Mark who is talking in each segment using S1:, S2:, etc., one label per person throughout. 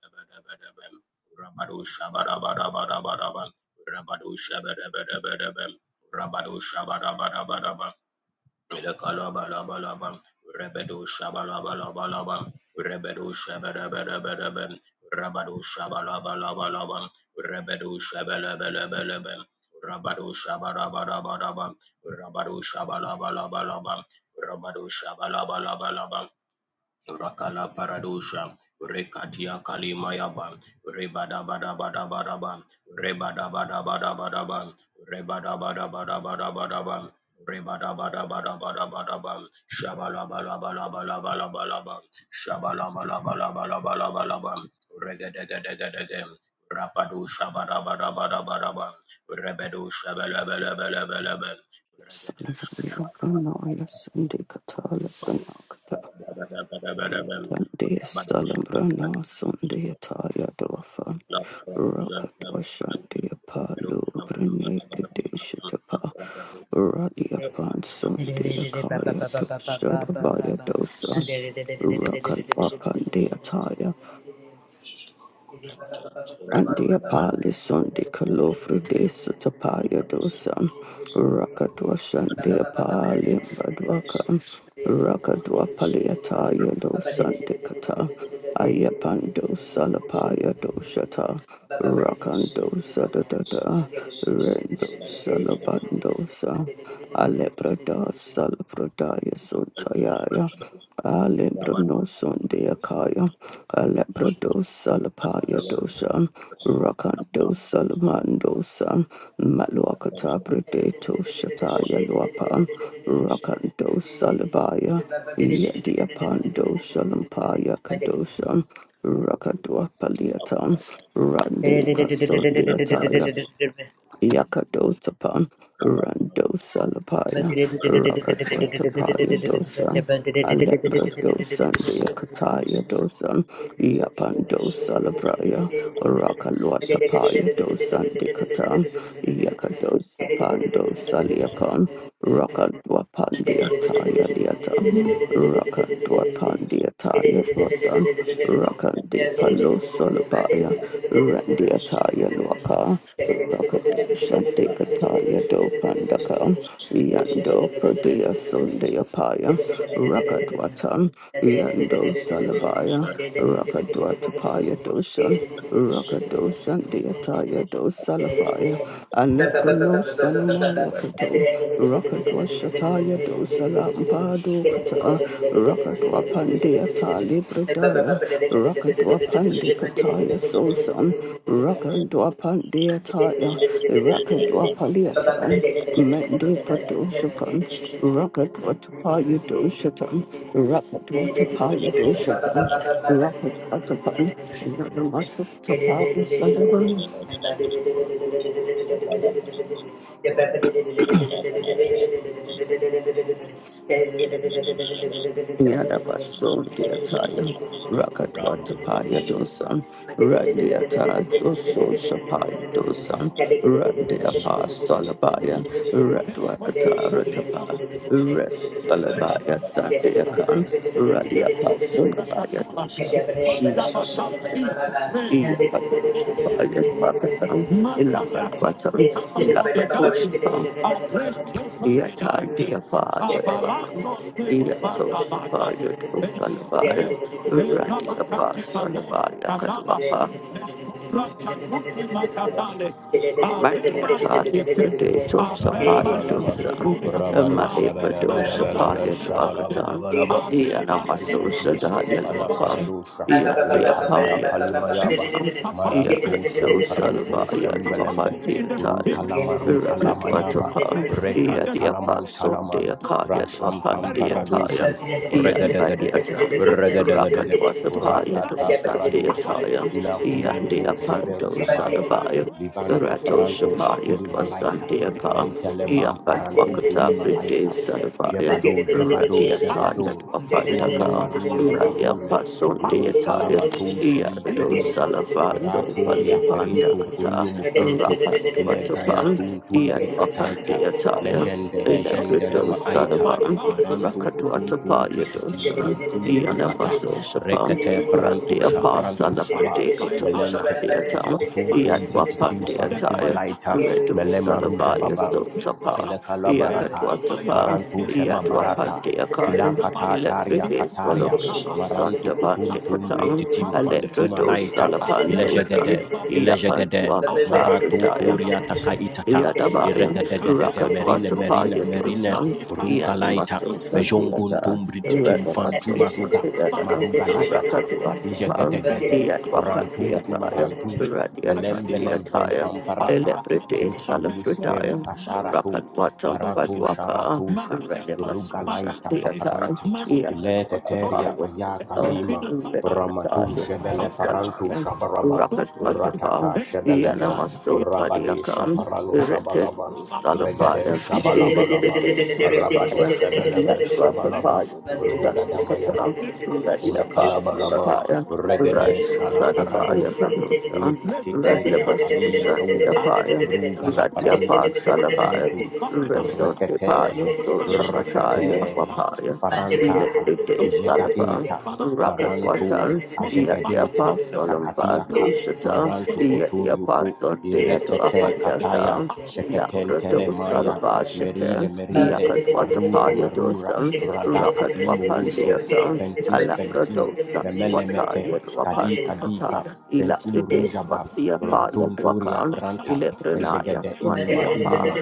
S1: Rabado Shabalabalabalaban, Rabado Shabalabalabalaban, Rakala paradosha, rekatia kalima yaba, rebada bada bada bada bam, rebada bada bada bada bam, rebada bada bada bada bada bam, rebada bada bada bada bada bam, shabala bala bala bala bala bala bam, shabala bala bala bala bala bala bam, regedege rapado shabada bada bada bada bam, rebedo shabala bala bala bala bam, regede shabala
S2: Salavranaya Sandikatala
S1: Rabadu
S2: Pranakata Yatandia Salavrana Sundayataya Dwafa Rakatwa Shantia Palu Pranekadeshitapa Radiapan Sundayakaya Doshalavaya
S3: Ba-ba-ba-ba-ba-ba-ba-ba-ba.
S2: Dosa Rakalwa Pandeyataya
S3: Thank
S2: Andia pali sondi kalofru de satapaya dosan rakatwa shandia pali badwaka rakatwa paliataya dosan de kata ayapando salapaya doshata rakando sadadada rendo salabandosa alebrada salapradaya sotayaya Alebrono Sunday Akaya, Alebrodo Salapaya Dosa, Rakando Salamandosa, Maluakata Predeto
S3: Thank
S2: Shataya Luapa, Rakando Salabaya, Yadiapando Salampaya Kadosa, Rakadua Paliata, Rande Pasundiataya. Yakadotapa, Rando Salapaya,
S1: اشتركوا
S2: Rakadwatapaya Dosa, Alebra Dosa, Deakataya Dosa, Yapando Salabraya, Rakalwatapaya dosan Dekata, Yakados Pando
S3: you.
S2: Saliakan, Rakadwapandia
S3: Thank
S2: Taya Liata, Rakadwapandia Taya Dosa. Rakandi Palo Solabaya, Randi Ataya Luaka, Rakado Shanti Kataya Do Pandaka, Yando Pradea Sundaya Paya, Rakadwatan, Yando Salabaya, Rakadwatapaya Doshan. Rakado Shandiataya do Salafaya, Aleprono
S3: and
S2: Sanamaya Kato, Rakadwa Shataya do Salampado Kata, Rakadwa Pandiata Libradaya, Rakadwa Pandikataya Sosan,
S3: you.
S2: Rakadwa Pandiataya, Rakadwa
S3: Thank
S2: Paliata, Mende Padoshapan, Rocket Watapaya Doshatan, Rocket Watapaya Doshatan, Rocket Watapan, Yadamasa Tapaya Sadavan, Yadabaso Diataya, rakat Watapaya Dosan,
S3: Thank
S2: Randiata Doso Shapaya Dosan, Randiapa Salabaya, Radwakatara Tapa, Res Salabaya Sandiakan, Radiapa
S3: you.
S2: Sulabaya Dosan.
S3: Thank
S1: في
S3: you.
S1: القناة
S3: Thank
S1: Thank you, Jesus. Kala
S2: Mandy,
S1: paradosha,
S2: Rapid water
S1: rekatia kalimayaba, maranto shamparanto shambelembe, rukala maruka lamayaba,
S2: power,
S3: you.
S2: the
S1: rekantalaman
S2: apostle, the
S1: talaman,
S2: Akaya, the
S1: rasham
S2: Apandia, Tire,
S1: pamparadosha,
S3: Thank
S1: regadagadaga,
S2: Yambadiatan,
S1: regadagadaga,
S2: Rakadwatapaya
S1: ratata
S2: dosa
S1: paradosha,
S2: deataya, Yandia
S1: ilakumulovo jever
S2: pando
S1: jabaita,
S2: salabaya,
S1: livanta
S2: Rato
S1: paranto
S2: shapaya
S1: shikuli malaita,
S2: dwasandiaka,
S1: mentele bam paranto kuli
S2: Yambadwakata pride
S1: malaita,
S2: salabaya,
S1: jebado jebado jebado
S2: Radiataya
S1: Rule
S2: dwafantaka,
S1: marule
S2: Radia
S1: marule.
S2: pason
S1: Ru
S2: deataya,
S1: kalamatu shali
S2: Yado
S1: feruja.
S2: salafando
S1: Iratoria
S2: palipanda
S1: perintu
S2: kata,
S1: kurio mufuntu.
S2: Rakan
S1: Ile gaya
S2: dwatapan,
S3: you.
S1: tuntumbri
S2: Yadwapan
S1: kataita.
S2: deataya,
S1: Legende,
S3: Thank
S1: legende le
S2: Electrical
S1: maaita.
S2: Salaman,
S1: Marantu kutuntum
S2: Rakatuatapaya
S1: brititim
S2: Dosan,
S1: fantum rukata.
S2: Yanamaso Shapan,
S1: Rekete prantu
S2: Randia
S1: shaprantu
S2: Pasalapa
S1: shaba.
S2: Dekatosha
S1: Melente
S2: Deatan,
S1: kitikutuntum
S2: Yadwapan
S1: brititim fantum
S2: Deataya,
S1: alaita.
S2: Redu
S1: Melema ruja
S2: Salabaya
S1: baba
S2: Sotapa,
S1: ile kalabarata
S2: Yakatwatapa,
S1: marantu shema barata
S2: Yadwapan
S1: ila
S2: Deakayan,
S1: katataria
S2: Electric
S1: kataria
S2: Solopano
S1: marantu
S2: Sandaban
S1: kutuntum
S2: Dekatan,
S1: brititim fantuma
S2: Electrido
S1: laita
S2: Salapan
S1: ile
S2: Dosan,
S1: jegede ile
S2: Yapan
S1: jegede
S3: Thank
S2: Dwapata
S1: maratu
S2: Pradaya.
S1: turia takaitata iregedegedege
S2: Rakat
S1: merine merine
S2: Watapaya
S1: merine
S2: Dosan,
S1: ruka laita
S2: Yanimaso Santiata,
S1: mejonguntum brititim
S2: Renamaso
S1: fantuma ruga
S2: Santiata,
S1: maruga latata
S2: Rakat Watapa,
S1: ijegedegede rantuntum
S2: Yatwapandiataya,
S1: marantum belembelembem
S2: Radiatandiataya,
S1: pamparata
S2: Elebride
S3: you.
S1: Thank you, Holy
S2: Salafridaya,
S1: Spirit. Kasharatu,
S2: Rakat Watam
S1: Marato
S2: Padwaka,
S1: Sharatusha,
S2: Renamaso
S1: Rugalaita
S2: Santiata,
S1: Paparanta,
S2: Yakat
S1: Ileteteria
S2: Watapaya
S1: Aya Kalima,
S2: Dosan,
S1: Ramatu
S2: Radiatali
S1: Shebele Parantu
S2: Salaya.
S1: Shabaraba,
S2: Rakat Matapa,
S1: Ratata Shebelebe,
S2: Yanamaso
S1: Rabade
S2: Padiakam,
S1: Shaparalo
S2: Retin
S1: shabalaban. Regede
S2: Salafires,
S3: the
S2: Electric
S1: shabalabalaban. Rabadu
S2: Salafire,
S1: Shebelebe Shabalaba,
S2: Yatwatapa,
S1: Rugadamayaban.
S2: Sandikatam,
S1: ile
S2: Radiapa
S1: kalabalaba
S2: Salafire, Radio
S1: regedesha la
S2: Salafire
S1: paradusha
S2: Producer,
S1: ikateteria
S2: Radiabasu
S1: kalima ruga
S2: Shatiapire.
S1: ruga la
S2: Radia
S1: parantusha
S2: Pasalabaya,
S1: parantu shamparantu
S2: Resort Department,
S1: rekete
S2: Sotapataya,
S1: rekete
S2: Papaya,
S1: farantaha
S2: Electrite Salafan,
S1: jegadita
S2: Rakat
S1: marantu
S2: Watan,
S1: ajegadita
S2: Yadiapa Solom Badu
S1: kakatiaka
S2: Shatan,
S1: marantu
S2: Yadiapa
S1: kuturiuku
S2: Sunday to
S3: Thank
S1: iretete kataya
S2: Apanyatan, Lambrato
S1: sheketentele maya
S2: Salaba Shatan,
S1: merile merile
S2: Yakat
S1: arura
S2: Watapaya
S1: marura
S2: Dosan, Rakat
S1: radakati murushu fentum fentum
S2: Wapandiatan, Satuata,
S1: memelemete
S2: Yelwapan,
S1: kadi
S2: Kata,
S1: kadika fentum
S3: you.
S2: Ilatrides,
S1: rujaba
S2: Vasia, Pa,
S1: ratunturia
S2: Yelwakan,
S1: pranta
S2: Ileprenaya,
S1: kejegede
S3: Thank
S1: ilima ilima
S2: Swandiapa,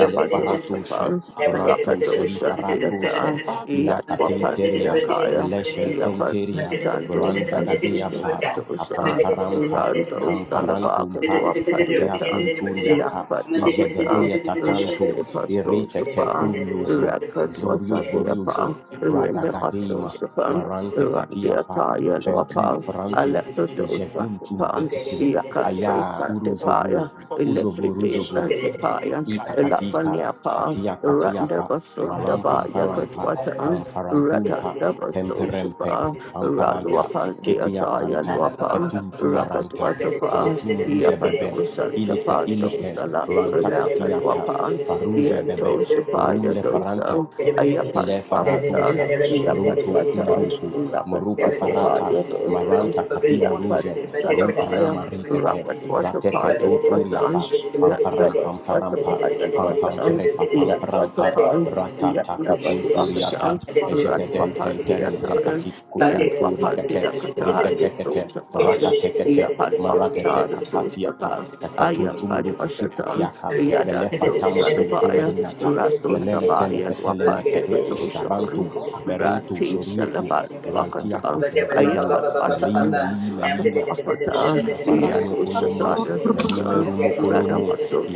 S1: ile faratushe, rantushe, li
S2: Rakadoshan,
S1: faratushe,
S2: Diata,
S1: ila
S2: Yatwapan,
S1: katinteria,
S2: Diakaya,
S1: meleshen
S2: Yapato,
S1: tenteria,
S2: Tando,
S1: randa
S2: Salibitin,
S1: gadeapa,
S2: Katosha,
S1: kapamparampa,
S2: Rando, Salabakan,
S1: kamparantumpa,
S2: to a
S1: katea
S2: Padiatan,
S1: kunturiaka,
S2: Lambat, Wakata,
S1: ijegedeya tatantu,
S2: Rekipa,
S1: iritete
S2: Sosapa,
S1: kuriuju,
S2: Rakadwasa,
S1: juriu vuriuju,
S2: Diapa, Remember,
S1: radagadeima,
S2: Sosapa,
S1: marante ketiapa,
S2: Randiataya
S1: fentum
S2: Lopa,
S1: frantum,
S2: Aleptosa
S1: ijeguntum
S2: Pan,
S1: brititim, aya
S2: Yakatosa
S1: urujuvu,
S2: Depaya, Electric
S1: ujovurujovu
S2: Santipaya,
S1: ika
S3: you.
S1: katika
S2: Elafaniapa,
S1: katia katiapa
S3: Thank
S2: Randabasunda Baya
S1: marampamparampa
S2: Katwatan,
S1: kamparantumpa
S2: Ratandabaso
S1: pemperempe
S2: Shapa,
S1: pamparanta ketia
S2: Raluapandiataya
S1: kanta
S2: Luapan,
S1: ketumtumaranta
S2: Rakatwatapa,
S1: fantum ruja bebe
S2: Yapadosan
S1: ilike
S2: Chapanto
S1: ilike
S2: Salat
S1: ranta
S2: Pranaka
S1: katiata
S2: Luapan,
S1: faruja
S2: Yanto
S1: bebe
S2: Shapaya
S1: rule
S3: you.
S2: Dosa,
S1: parante
S3: Thank
S2: ayapan
S1: ile
S2: Ayapantwakatan,
S1: faratusha rutu
S2: Yapatwata,
S1: kumruku muruku
S2: Rapatwata
S1: farata
S2: Payatosan,
S1: maranta kati muruje ruka na
S2: Yapatwasalabaya,
S1: maritete
S2: Rapatwata
S1: Ratete
S2: Payatwasan,
S1: tuturiapa. Pamparam
S2: Yapatwata
S1: pamparampa. Pam pam
S2: Payatwasan,
S1: prepa pam parampa
S2: Yapatwata,
S1: ratata kutunturiata
S2: Yapatwatan,
S1: ejegeden tenterente
S2: Ratwapandiatan,
S1: kati kutunturikete
S2: Yatwapandiakata,
S1: riketekete
S2: Nisotapaya,
S1: rakatekete maratete
S2: Yapatwakata,
S3: you. Thank
S1: kakatiaka
S2: Tosapa, I am
S1: kaketuntumuruka
S2: Badwashatan,
S1: kukutiaka
S2: Yadan Dosanapaya,
S1: melefatamutuntumarinata
S2: Rasodabayan
S1: melemetelefelemete
S2: Wapandikatoshapan,
S1: isharantu merintu
S2: Ranti
S1: shoriuku
S2: Shalaban
S1: rantiaka
S2: Wakatan,
S1: tenturio
S2: Ayapan
S1: meli
S2: Watan,
S1: meli melima
S2: Rakatwapata,
S1: ile faranukunumu,
S2: Yadoshataya Dosan,
S1: melimerumukulumu,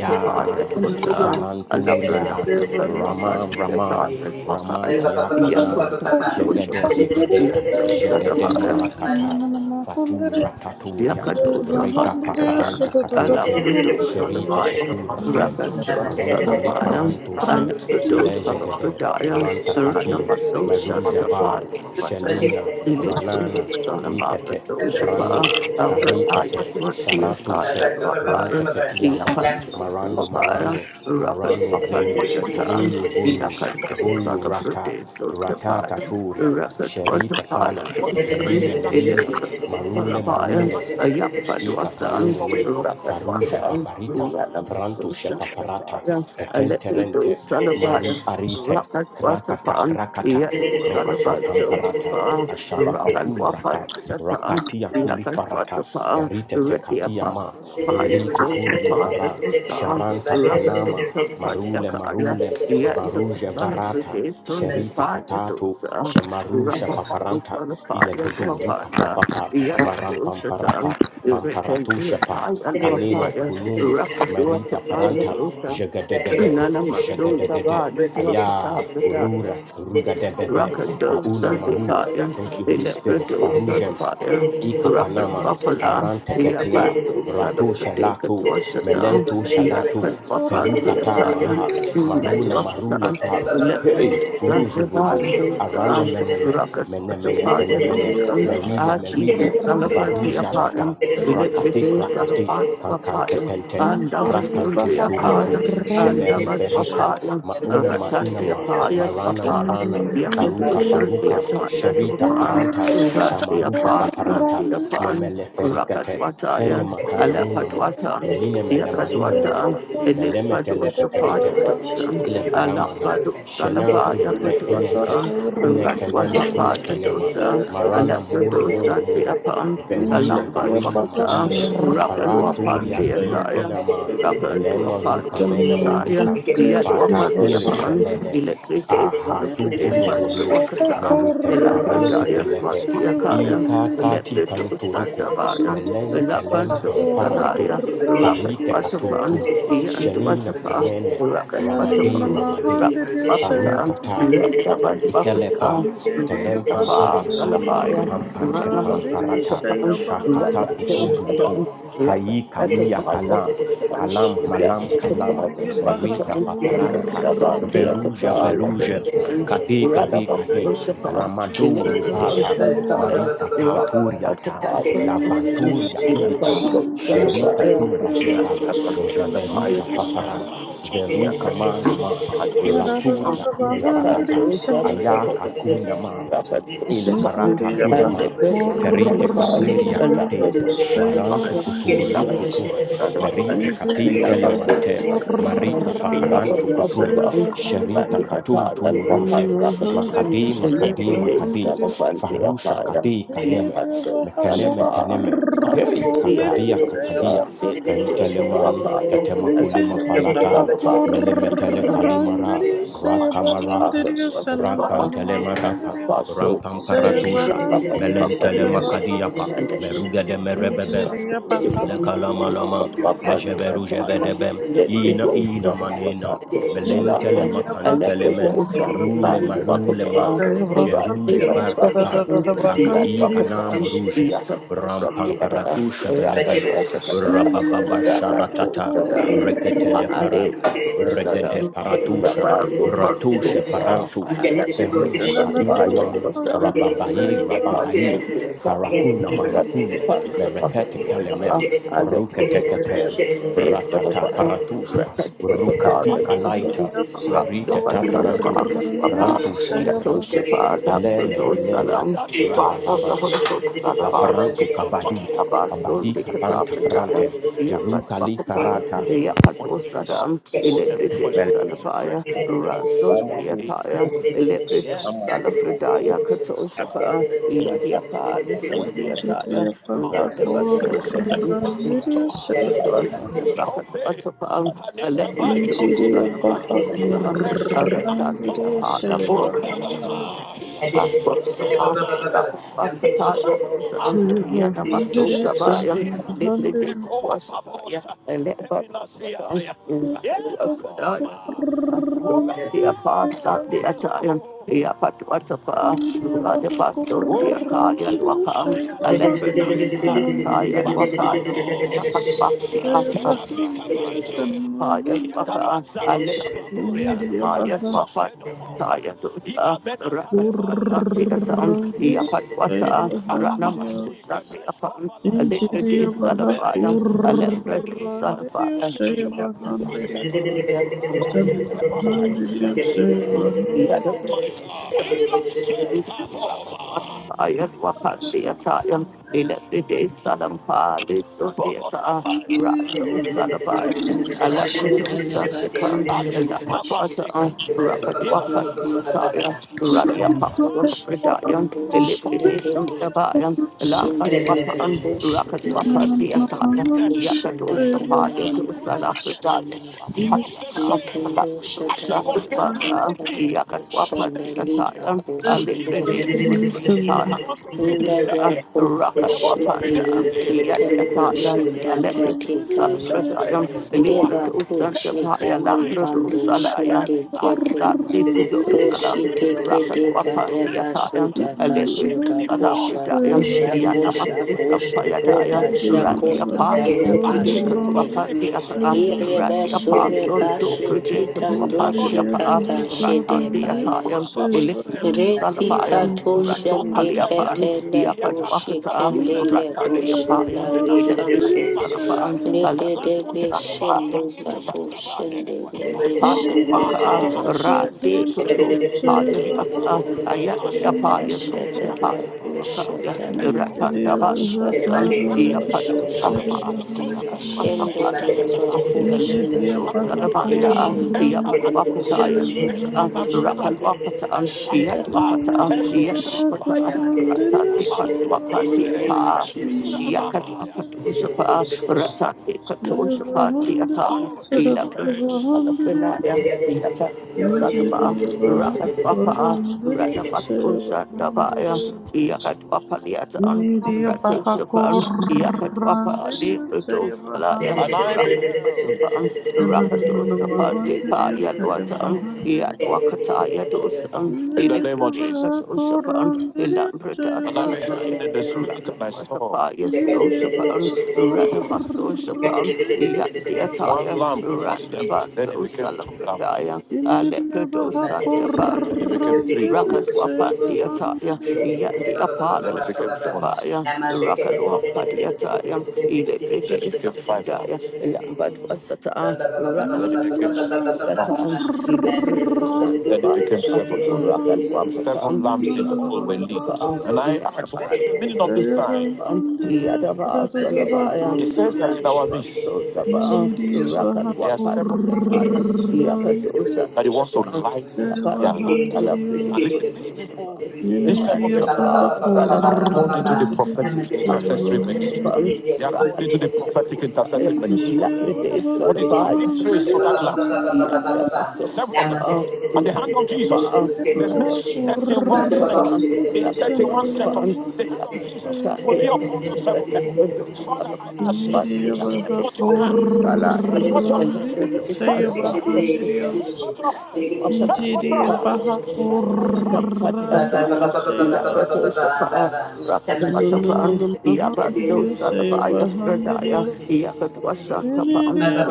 S1: ya
S4: Thank
S2: Dosa,
S1: jaranturia,
S2: Alabranaya
S1: rama
S2: Kalwasan,
S1: rama,
S2: Yataya Wakaya,
S1: ramatia kana, jegede
S2: Yatotapasoshapan,
S1: jegede, jegede
S2: Yando
S3: you.
S1: marakata, fatum rataturia.
S2: Yakadosa
S1: Reka
S2: Patiata,
S1: paparanta katetem.
S2: Alapradosa
S1: Sherite
S2: Lavayan,
S1: tekura tem.
S2: Rakandosa
S1: Maruka
S2: Lavayan,
S1: liparantu shem. Ileje
S2: Anastadosa
S1: gede.
S2: Pradaya,
S1: Ranta katim.
S2: Ranamaso
S1: Maruja va.
S2: Shatapaya Watan,
S1: Shelina. Ranana.
S2: Elitrinosa
S1: Rikete. Pranu.
S2: Namagadosapa, Avranaya
S1: Aritete.
S2: Swatia
S1: Sharatu
S2: Kaya
S1: shem. Rante
S2: Lapaya,
S1: ketiama.
S2: Yakandosa
S1: Maranu
S2: Lavaya,
S1: maranu.
S2: Rakan
S1: Maranu vuru.
S2: Wapan
S1: Vuru
S2: Deatan,
S1: vuru.
S2: Yakandosa
S1: Vuru rata. Rata
S2: Pradesa
S1: taturia.
S2: water water water
S1: Sherita kana.
S2: water so.
S1: Melina
S2: A
S1: melina
S2: little son
S1: marule
S2: of fire,
S1: marule
S2: A young bad was on
S1: ikakanumunu
S2: rapid water,
S1: faruja
S2: A
S1: babarita prantu shepaparata
S2: little little
S1: ketenterente
S2: on fire.
S1: maru
S3: Lam
S1: arite krakata krakata krokata
S3: Thank
S1: pamparata
S2: fire fire.
S1: asharafatum raka
S2: fire. rapid water,
S1: rakatia
S2: yakut water
S1: kulifarata
S2: pan,
S1: erite
S2: ready
S1: tekatia ma
S2: apostle of fire young
S1: eritu kuryu fara sharanta kanama
S2: Rakatwatapaya fire
S1: marule
S2: Elipsalapaya, Ayampadwasan, Rakatwatan, Ranamasushatapaya, Elipidosalapaya,
S1: marule
S2: Rakatwatapan, Yanusalabadosapa, Rakatwapandatan, Yakatwatapa, Retiapasalapaya, The dosan, Rakatwatapaya,
S1: varuje varata
S2: Yandosalapaya,
S1: sherita
S2: Sundipaya
S1: katatu
S2: dosan,
S1: shemarusha paparanta ile guduru
S3: you.
S1: katapapa maram pamparapa pamparatu shepa,
S3: Thank
S1: kanene gunumu merita paranta jagadagade
S2: Nana Masunda Bad,
S1: jagadagade
S2: Redua Pata,
S1: aya
S2: the Dab,
S1: urura rugadebebe
S2: Rakado
S1: auna mahu
S2: Sandipaya,
S1: thank you holy spirit
S2: Electrodo
S1: farujem
S2: Sanapaya,
S1: ikakanama
S2: Rakadwapala,
S1: marante ketea
S2: Yapando
S1: ratu
S2: Sanapradeka
S1: shalatu
S2: Twashata,
S1: melentu shalatu
S2: Yakadwapa
S1: ferukata
S2: Theataya,
S1: maha maruna
S3: you.
S2: Umadwapsa,
S1: marule
S3: Thank
S1: pa
S2: Electrodo
S1: hey guru juvudu
S2: Sandipando
S1: arane
S2: Sam,
S1: meneme menemene
S2: Rakaswatapaya
S1: fenemene
S2: Dosan,
S1: merile
S2: Ah
S1: merile
S2: Jesus, Salafan Theapaya,
S1: varujarata krakati
S2: Electrodo
S1: krakati
S2: Salafan
S1: kankante
S2: Wapaya,
S1: kente
S2: Andavasun
S1: krakantunturuntu
S2: Theakaya,
S1: shemeri
S2: Andavad
S1: ferika
S2: Apaya,
S1: maina maina
S2: Ratante
S1: ma
S2: Apaya,
S1: marana
S2: Papa,
S1: marana faruka
S4: you.
S2: Yakadushan
S1: faruka
S2: Beata
S1: sherita
S4: Thank
S2: Yadupa,
S1: paranta
S2: Rat the
S1: shamaruka
S2: Apasa,
S1: paparanta
S2: the Apan,
S1: memele
S3: you.
S1: ferikate kene
S2: Rakatwataya,
S3: Double
S1: makana munama
S2: Alakatwatan,
S1: meline melemanina
S2: Yakadwata,
S1: menema meleme
S2: Elipbadosa
S1: telepeperite
S2: Payadosan,
S1: ile faramana
S2: Alabadosa
S3: time!
S1: shena
S2: Labaya
S1: kun ne ineke
S2: Padosa, a
S1: inekenema
S3: Double time!
S2: Ratwatapaya
S1: inekenema
S2: Dosa,
S1: marana munu munu
S2: Aleptodosa
S1: munu
S2: Deapan,
S1: verile
S2: Alambad
S1: varina
S2: Wakuta,
S1: marile
S2: Rakalwapa
S1: faraturia
S3: Thank
S2: Deataya,
S1: kikina ma
S4: you.
S2: Rakan to a
S1: elema
S2: part
S1: ruka
S2: of
S1: mena
S2: Wakutaya,
S1: maruka
S2: Yadwapa
S1: fatakule
S2: Deapan,
S1: shelene
S2: Electric Days, one of the day part to
S1: ahatunumulu
S2: Wakasa,
S1: meritemparante
S2: Elapradaya
S1: kelepe
S2: Swatiakaya.
S1: ikakati
S2: Electro
S1: kanturuku
S4: Thank
S2: Sandabaya,
S1: melentelem
S2: Lapanto
S1: pamparantu
S2: Salaya, Rocket
S1: farite katuntun
S2: Waterfront, Ian
S1: shenina
S2: Duatapa,
S1: kanene
S4: you.
S2: Rocket
S1: ramadi
S2: Waterfront,
S1: ramadi
S2: Rocket Wapatan,
S1: farutata
S2: Rakabad
S1: ikelepa
S2: Wapasa,
S1: kelem
S2: Radiapa
S1: pamparampa
S2: Salabaya,
S1: pampante
S2: Ranabas
S1: pamparata
S2: Shapan,
S3: you.
S1: shakata
S2: Rakato
S1: kutur yuku
S2: Sadan, Rock
S1: hayi kaiya kalam kalam malam kalam merita paparanta veruja veruja kade kade kade ramadu ripata marika taturiata lavanturia ilika sherita kurajeva mejeverusha papara veruka manama
S4: Thank
S3: I'm
S1: raturia ile
S3: Thank
S1: farata ayaka kunama
S2: and
S1: ile
S2: roll,
S1: karata kule ma
S2: Alepedo
S1: ferite
S2: Salaban,
S1: kateria kadim
S2: Alapedo
S1: marantu kuturiu
S2: Salaban, Rapado
S1: kutum merite
S2: Salaban,
S1: katin
S2: Rapado
S1: telemante marika
S2: Salaban,
S1: paparantu kutum
S2: Rapatapatan,
S1: sherita
S4: you.
S1: katum
S2: Randipatal, and
S1: tumuruje makadi
S2: Wahandapatan,
S1: makadi
S2: Electric
S1: makadi
S2: Salaban,
S1: farusha
S2: Teapaya,
S1: kadi kaneme
S2: Yapado
S1: mekeneme keneme
S2: Salabasa,
S1: hey kakadia
S2: Yando
S1: kakadia
S2: Salibri,
S1: kenteleman
S2: Wapaya,
S1: ketema kulima
S4: Injiri
S2: Alapedo
S1: falata
S2: Salaban,
S1: melemetele kalimara
S4: abahakurandiri
S2: Yapado
S1: rakamaraka
S2: Salaban,
S4: sayabahandiri
S2: Wasapa,
S3: you.
S1: rakantelema
S4: sanananamahandiri
S2: Randipaso, let
S3: Thank
S1: rampamparatusha
S2: me
S4: sayabahandiri
S1: melentele
S2: go
S1: makadiapa
S4: sayabahandiri
S1: meruga de merebebe
S4: Injiri abahakurandiri
S1: Ilekalamalama, Mejeveru Jevedebem, Ina Ina
S4: sayabahandiri
S2: first, go
S1: Manenam, Melentele
S4: Injiri
S2: first.
S1: Makantelemen, Rule
S4: abahakurandiri
S1: Marule Man, Jeru
S4: sayabahandiri
S1: Jevartaka, Kakati
S4: sarararabahandiri
S1: Kana Moruje, Rampamparatu Shebelebem, Rabababa
S4: Injiri
S3: you.
S1: Sharatata,
S3: Thank
S1: Reketele
S4: abahakurandiri
S1: Para,
S4: sayabahandiri
S1: Regede Paratusha, Ratusha Parantu,
S2: I let the case
S1: Feruja
S4: Injiri
S2: stand by
S1: Kailema,
S2: and yourself. Fire of
S1: Rababai,
S2: the
S1: Rababai,
S2: Holy
S1: Farakuna Marakun, merekete kalemem ruketeketem ratata paratushe rukatika laita merite ta parantu parantushe parantu ilele ilele
S3: you. Thank
S1: rabababa
S2: Ghost, Son of God.
S1: kaparantu kabadi kabadi
S2: Abasun de
S1: kapanta parante
S2: Katapataya,
S1: irukali
S2: Yapatwakatan,
S1: farata
S2: Yapatwasadam, Ilebride
S1: bel
S2: Salapaya, Rasun
S1: ramadu
S2: Diataya, Ilebrido
S1: amadu
S2: Salafredaya, Katoshapa, Yadiapa, Lison Diataya, Randabaso Shapan, Rapatapan, Rapatapan,
S3: Thank
S2: Alebrito Salamandosa, Aratan de Apana, Rapid
S4: Save
S2: Maya, Tayadosa, Rakatwasa, Beatan, Yapatwata,
S3: you.
S2: Ranamasusa, Beapan, Alebrede Salafaya, Alebrede Salafaya, Alebrede
S4: a
S2: Salafaya, Alebrede Salafaya, Alebrede Salafaya, ayat wapan dia tayang electric day salam pali so dia ta rando salabaya
S4: hundred,
S2: alak
S5: Shinde
S2: do
S5: Temple
S2: sandepan elak mata rakat wapan dia saya rania
S4: Thank
S2: paksul fridayang electric day sandabayang lakat wapan rakat wapan dia
S3: Thank
S2: tayang yakat tu do he was the same as he was the man of peace from the beginning. He was the same. I want to be the
S5: Shinde Kite Kaya Deba tu shikali bando shinde kete. Roshi teke deka
S3: you.
S5: deba shuta kashuta kosha
S2: Salafridayam,
S5: kosha
S3: Thank
S4: you.
S5: kosha
S2: Yanamasusha
S5: kosha
S2: Payadaya,
S5: tota
S2: Randy
S5: shakota
S2: Apostle,
S5: kalaba
S2: Predeka to
S5: shike.
S2: Apandiaka,
S5: Ireba
S2: Randy Apostle,
S5: shureba
S2: Do
S5: shite
S2: Predeka to
S5: kando
S4: Injiriya
S2: Apandiaka,
S4: baha
S5: shikata
S4: koran
S5: shide bai.
S4: diri
S2: Ratandiatayam, Electro
S5: Resi
S2: Salafayam,
S5: kato
S2: Rato
S5: shende
S2: Paliapan,
S5: kete lebo
S2: Yapatuakata,
S5: shikende lebo
S2: Rataliapayam,
S5: shandali
S2: Electric Salafan, Alakatu
S5: Rededebe
S2: Salafayam.
S5: shendo labo shende lebe
S2: Haya
S5: shendo laba
S2: Waka,
S3: you.
S2: Randi
S5: shende ke.
S2: Kutos, Haya Waka, Aya
S5: Yenanda ba
S2: Shapaya,
S5: la
S2: Sutipaya
S5: labo
S2: Wakaya,
S5: sheda lobo
S2: Ratanda
S5: kashada
S2: Bandusan,
S3: Thank
S5: lobo
S2: Iapados
S5: shede.
S2: Alaba,
S5: Shende
S2: Iapadwasapaya,
S5: la ko shende
S2: Elepados
S5: labo
S2: Alabaya,
S5: la labo
S2: Iapadwapataya
S5: shende
S4: sebahan
S2: Dosa,
S5: lele.
S4: diri
S2: Rapalwapata,
S5: Shida
S2: Iatwapata,
S5: labo
S4: Ineriya
S5: ko she.
S2: Iatwapata, Ratandi
S5: In the name of
S2: Paswapatipa,
S5: Jesus.
S2: Yakatwapadoshapa, Ratati Katosha Pati Atan, Ila Salafrenaya, Yata Salaba, Rakatwapa, Ratnamaso Shandabaya, Yakatwapa Liatan,
S4: bahakorandiria
S2: Rato Shapan, Yakatwapa Libro Salaya, and I Rakatwasapan, Rakato Sapan de Pa Yadwatan, Yadwakata
S3: you.
S2: Yadosan, in the name of Jesus. Katoshapan, Ilambra And I beheld Salabaya,
S4: sevahandiria
S3: Thank
S4: Yenidiya
S2: Yes, Ranamaso Shapan, Yandi One Attire, lamb then it Randabando two
S3: you.
S2: Alepredo
S3: Let's
S2: Sandabar. then it became three lamps, Rakatwapandia Yandi then Apalo it four Sundabaya, Rakalwampadia Taya, Ilebride then it became five then it became Ranamaso six Sandia lamps,
S3: get
S2: then it became seven lamps. seven lamps in all were lit. And I asked, What is the meaning of this sign? Yadaba It says that in our midst, Sodaba, there are Rakalwapani
S3: it.
S2: seven people
S3: Thank
S4: bahakur
S2: that he wants to light their Yapano lamps. And listen, these people, these seven
S4: Yeniria
S2: people Randaba
S4: baha
S2: are called into the
S4: korandiria
S2: prophetic
S4: seva
S2: intercessory ministry.
S4: sevahandiria.
S2: They are called into the prophetic intercessory ministry.
S4: Yeniria
S2: What is
S4: baha
S2: Solabaya adding grace to
S4: korandiria
S2: that lamp?
S4: seva
S2: Seven of them. And the hand of
S4: sevahandiria.
S2: Jesus
S4: Yeniria
S2: in the
S4: baha
S2: next
S3: you.
S2: 31
S3: Thank
S2: seconds. In
S4: kurrandiria
S2: 31 seconds, the hand
S4: sevahandiria
S2: of Jesus will be upon those
S4: sevahandiria.
S2: seven people. Father, I ask you,
S4: Yeniria
S2: stretch
S4: baha
S2: forth your hand. Stretch forth your hand.
S4: kurrandiria
S2: Stretch forth
S4: sevahandiria.
S2: your hand. Stretch forth your
S4: Yeniria
S2: hand.
S4: baha
S2: Stretch forth your
S4: kurrandiria
S2: hand. Stretch
S4: sevahandiria. Bahandiriyo, say Bahandiriyo,
S2: them forth.
S4: Niriya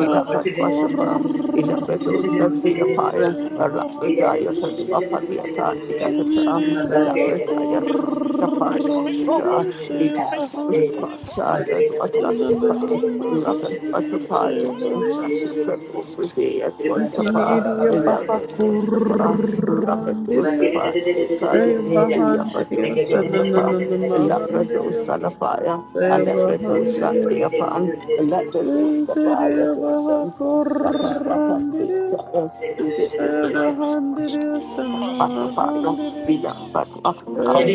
S2: Rakat Ilapato Sati
S4: Bahakundiriyo,
S2: Apaya,
S4: say
S2: Alapradaya Patu
S4: Bahandiriyo,
S2: Apaliata, the
S3: you
S2: Akata,
S3: the
S4: Niriya
S2: Ilapradaya Swati Apaya,
S4: Bahakundiriyo, say
S2: Ilapato
S4: Bahandiriyo,
S2: Sapataya, Dwasatipa,
S4: Nananana Bahandiriyo, say
S2: Rakatapaya, Dwasati
S4: Bahandiriyo,
S2: Patu Pradea, Twatapa,
S4: Niriya
S2: Ilapato Sapa, Rakato
S4: Bahakundiriyo, say Bahandiriyo,
S2: Sapa, Dekaya, Uyapato
S4: Nananana
S2: Santapa, Ilapato
S4: Bahandiriyo,
S2: Salafaya,
S4: say
S2: Alapato Sati
S4: Bahandiriyo.
S2: Apan, Ilapato
S4: Interior
S2: Sapaya, Dosan.
S4: of
S2: Thank
S3: you.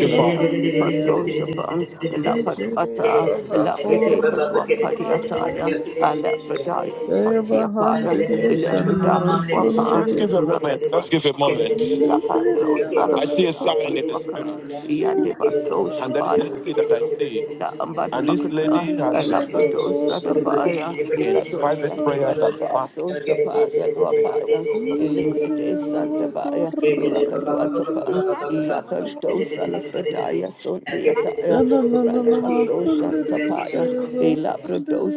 S2: you, Father. So let's
S4: a
S2: give a moment. Let's give a moment. I see a sign in the spirit. And there is a lady that I see. And this lady has been in private and prayers and Adaba fasting Sosha and the
S4: Injiriya
S2: hand of
S3: you. Thank
S2: God upon her life. Elipride Sandabaya, Rakatwatapan, Sundiataya, Ranama Sosha Tapaya, Elaprodo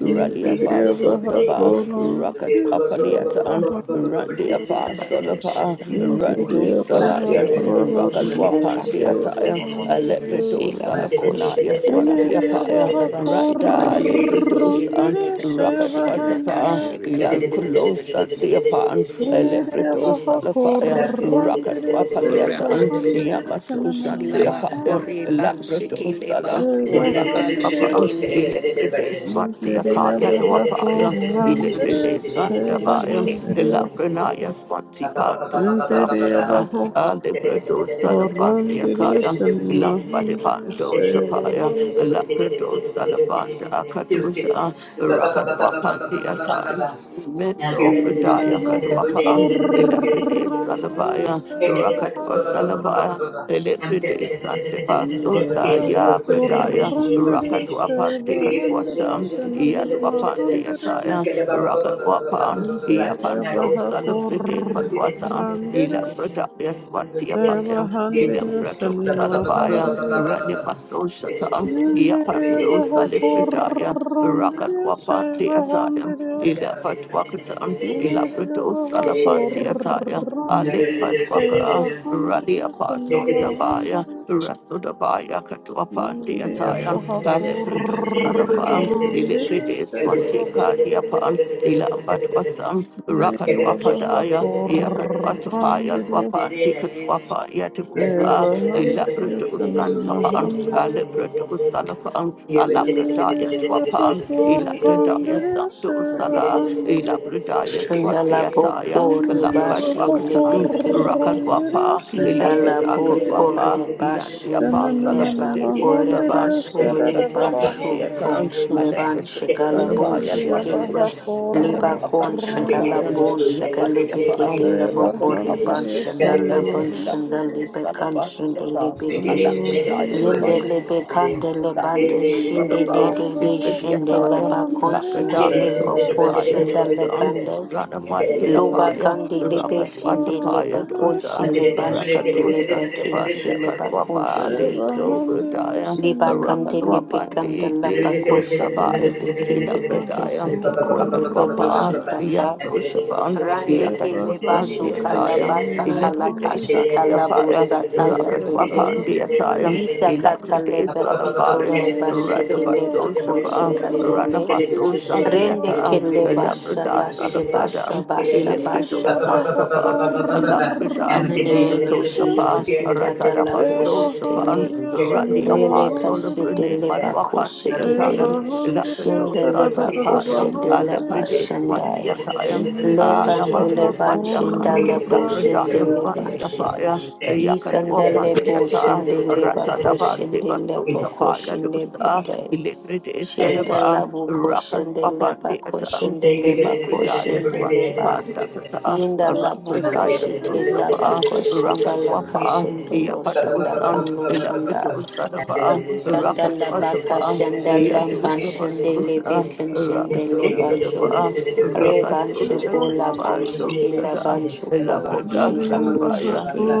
S2: Ralia
S4: baha
S2: Pasundaba,
S4: korandiri
S2: Rakatwapaliatan. Randia pa
S5: Laba ko
S2: solapa
S5: shende laba ko
S2: rando
S5: shende
S2: salaya
S5: laba ko
S2: rakalwa pandia taya alepredo
S5: Sheila Bakosha
S2: salafrenaya
S5: Katalabu
S2: swatia paya
S5: Shikalaba
S3: you.
S2: randa
S5: Shikate
S3: Thank
S2: alepredos an
S5: Shindelebekon
S4: seva
S5: Shikalaban
S2: rakatwatapa
S4: handiri.
S5: Shikalabus
S2: yakulosan diapan
S4: Hundred
S2: alepredos salafaya rakatwa
S5: or
S2: paliatan
S5: Rabanse
S2: yamasosan
S5: Shilaba
S2: diapaya
S5: Koreban
S2: lapredo sala
S5: Shikileba Olaban
S2: Rakatwapa
S5: Shikileban
S2: Ilefrides Vatia Kaya Dwapaya Ilefrides Sandabaya
S5: Shike
S2: Elafrenaya Swanti Pandukuta
S3: you.
S2: Prita,
S3: I'm
S2: Alebredo Salafania Kaya, Lamfade Pando Shapaya, Lapredo Salafanda Akadosha, Rakadwa Pandia Time, Mendo Pridaya Kadwapan, Elafrede Salabaya, Rakadwa Salabaya. Elebride Sante
S4: Hundred
S2: Basunda Ya Bradaya Rakadwa Pandikatwasam Yadwa Pandiataya
S3: Let's
S2: Rakan Wapan, Yapando Salafide Padwatan, Elafrida Yaswatiapayam, Inembrato Salabaya, Ranimaso Shatan, Yapando Salifridaya, Rakan Wapan Deatayam, Ilapatwakatan, Ilabrato Salafan Deataya, Alek Padwaka,
S3: Thank
S2: Radia Pason
S3: you.
S2: Dabaya, Rasudabaya Katwapan
S4: Shabbat
S2: Deatayan, Alepreto Salafan, Ilitrides Watika Diapan, Ilabatwasam Rakatwapadaya Yakatwatapaya Wapandikatwafa Yatibusa Ilabratosantapan Alibratosalafan Alabradaya Twapan Ilabradaya
S3: Scattered
S2: Sandosala Ilabradaya
S5: Shindalabo
S2: Swatiataya
S5: Koreba
S2: Lambadwakatan
S5: Shindebeke
S2: Rakadwapa
S5: Shilabo
S2: Ilabradakadwapa
S5: Koreba
S2: Yandiapa
S5: Shindeleba
S2: Salafrede
S5: Koreba
S2: Sundaban
S5: Suliban Shukon
S2: Yakatwapandeatan
S5: Shilban
S4: Thank
S5: Shikalabun
S2: Alabradosalabayan
S5: Shike
S2: Wakaya
S5: Liba
S2: Rocket
S5: kon
S2: upon the
S5: shakala
S2: Italian,
S5: bon
S2: Yapan
S5: shakale
S2: Yapa,
S5: bekete labo
S2: Rocket
S5: kore
S2: upon
S5: ban
S2: the
S5: shanda
S2: Italian,
S5: laban shanda
S2: Labrador
S5: libe kan
S2: Salafan
S5: shanda
S2: Yata,
S5: libeke.
S2: Alacrodias
S5: Yende
S2: Fan
S5: lebe kande
S2: Yata,
S5: lebande
S2: Labrador
S5: shinde de de
S2: Salafa,
S5: be
S2: Ifridi
S5: shinde laba
S2: Italian,
S5: kon shinde
S2: Lacrodaka
S5: lebo kon
S2: Toshapaya
S5: shanda le
S2: Dosan,
S5: kande.
S2: Ranamati
S5: Loba
S3: I'm
S2: Apaya,
S5: kande lebe
S2: Rocket
S5: shinde leba
S2: Watapaya
S5: kon
S2: Dosa,
S5: shinde ban siki
S2: Rakadosa,
S5: lebe
S4: you.
S5: kin shinde
S2: Devandaka
S5: ba kon
S2: Wapa, the
S5: shileke.
S3: Yes.
S2: Sobradaya,
S5: Liba kande lebe kanda
S2: Rakaluapandi,
S3: Yeah.
S5: laba
S2: Lesum
S5: koshe de
S2: Tabaya,
S5: lebe tete beke shebe konde
S2: Rakat
S5: lebe
S2: Wapa,
S5: shetata.
S2: Yato Shapan,
S5: Rande
S2: Yakat
S5: ke
S2: was
S5: leba
S2: Sunday
S5: shuka
S4: Devahandiriyo
S2: attire,
S5: laba sata laka
S2: Elebride
S4: Simohandiriyo
S5: shika
S2: Sunday
S5: labo
S2: Apaya,
S5: sata ya
S2: Rakat
S5: tete.
S2: Wapa, the attire,
S4: Devahandiriyo
S5: Yisa kata
S2: Elabride
S5: leba sito
S2: Salafaya,
S5: leba
S4: Iniriyo
S5: shete leba
S2: Radabaso
S5: konshe
S2: Shapa,
S5: kandele.
S4: Bhakurandiriyo
S2: Ranabaso Shanti
S5: Rende ke
S2: attire,
S5: leba
S4: Sevahandiriyo
S2: Elabrida
S5: shaba sheba
S2: Salafradan,
S5: shaba shaba
S2: Elebrido
S4: Iniriyo
S5: shaba.
S2: Santapan. Alafrida,
S5: In the name of
S2: Yato
S4: Bhakurandiriyo
S2: Shapa,
S5: Jesus, in
S2: Ratada
S5: Kadala
S2: Baso Shapan,
S5: Bush
S4: Devahandiriyo
S2: Randi
S5: Lele
S2: Apostle,
S4: Simohandiriyo
S5: bashete
S2: Brune
S5: leba
S2: Madwapa, the
S5: koshete de.
S2: attire,
S4: Devahandiriyo
S2: Lapido
S5: Shende leba
S2: Santipaya,
S5: koshende leba
S4: Sadadadadabahandiriyo
S2: Alefrides
S5: shandai.
S2: Watiatayam,
S4: Iniriyo
S5: Lembando leban shenda
S2: Namasongwadiakan,
S5: lebo shende
S2: Lapradaya
S4: Bhakurandiriyo
S5: leban she.
S2: Swantiapaya,
S5: Yisanda lebo
S2: Yakatopaniata,
S5: shende leba
S2: Ratadaban
S5: koshende leba
S2: Devasotapaya
S5: koshende
S2: Dosa,
S5: bendai.
S2: Ilifrides
S5: Shenda
S2: Adaba,
S5: labu koshende leba
S2: Rakatwapandiatam,
S5: koshende leba
S2: Ilifridaya
S5: koshende
S3: Thank
S5: leba.
S2: Swantipandakata,
S3: you.
S5: Yenda labu
S3: Thank
S2: Rapradaya
S5: koshete laba
S2: Sosapa,
S5: koshenda la
S2: Rakatwapa,
S5: kanshendo lo shanda
S2: Yapadosan,
S5: kanlo shanda.
S2: Ilafridosadaba,
S5: Shandala baka
S2: Rakatwatapa,
S5: shandala ban
S2: Yatosa.
S5: shandele
S2: Vatosa.
S5: bekan shandele
S2: Rakadosa
S5: bancho.
S2: Daba,
S5: Le bancho
S2: Rakadosa
S5: kola
S2: Daba,
S4: Devahandiriyo
S5: bancho kila
S2: Dosada,
S5: bancho kola
S2: Elaprada
S4: Nigeria
S5: shankando
S4: baha
S2: Sadabaya,
S5: shake.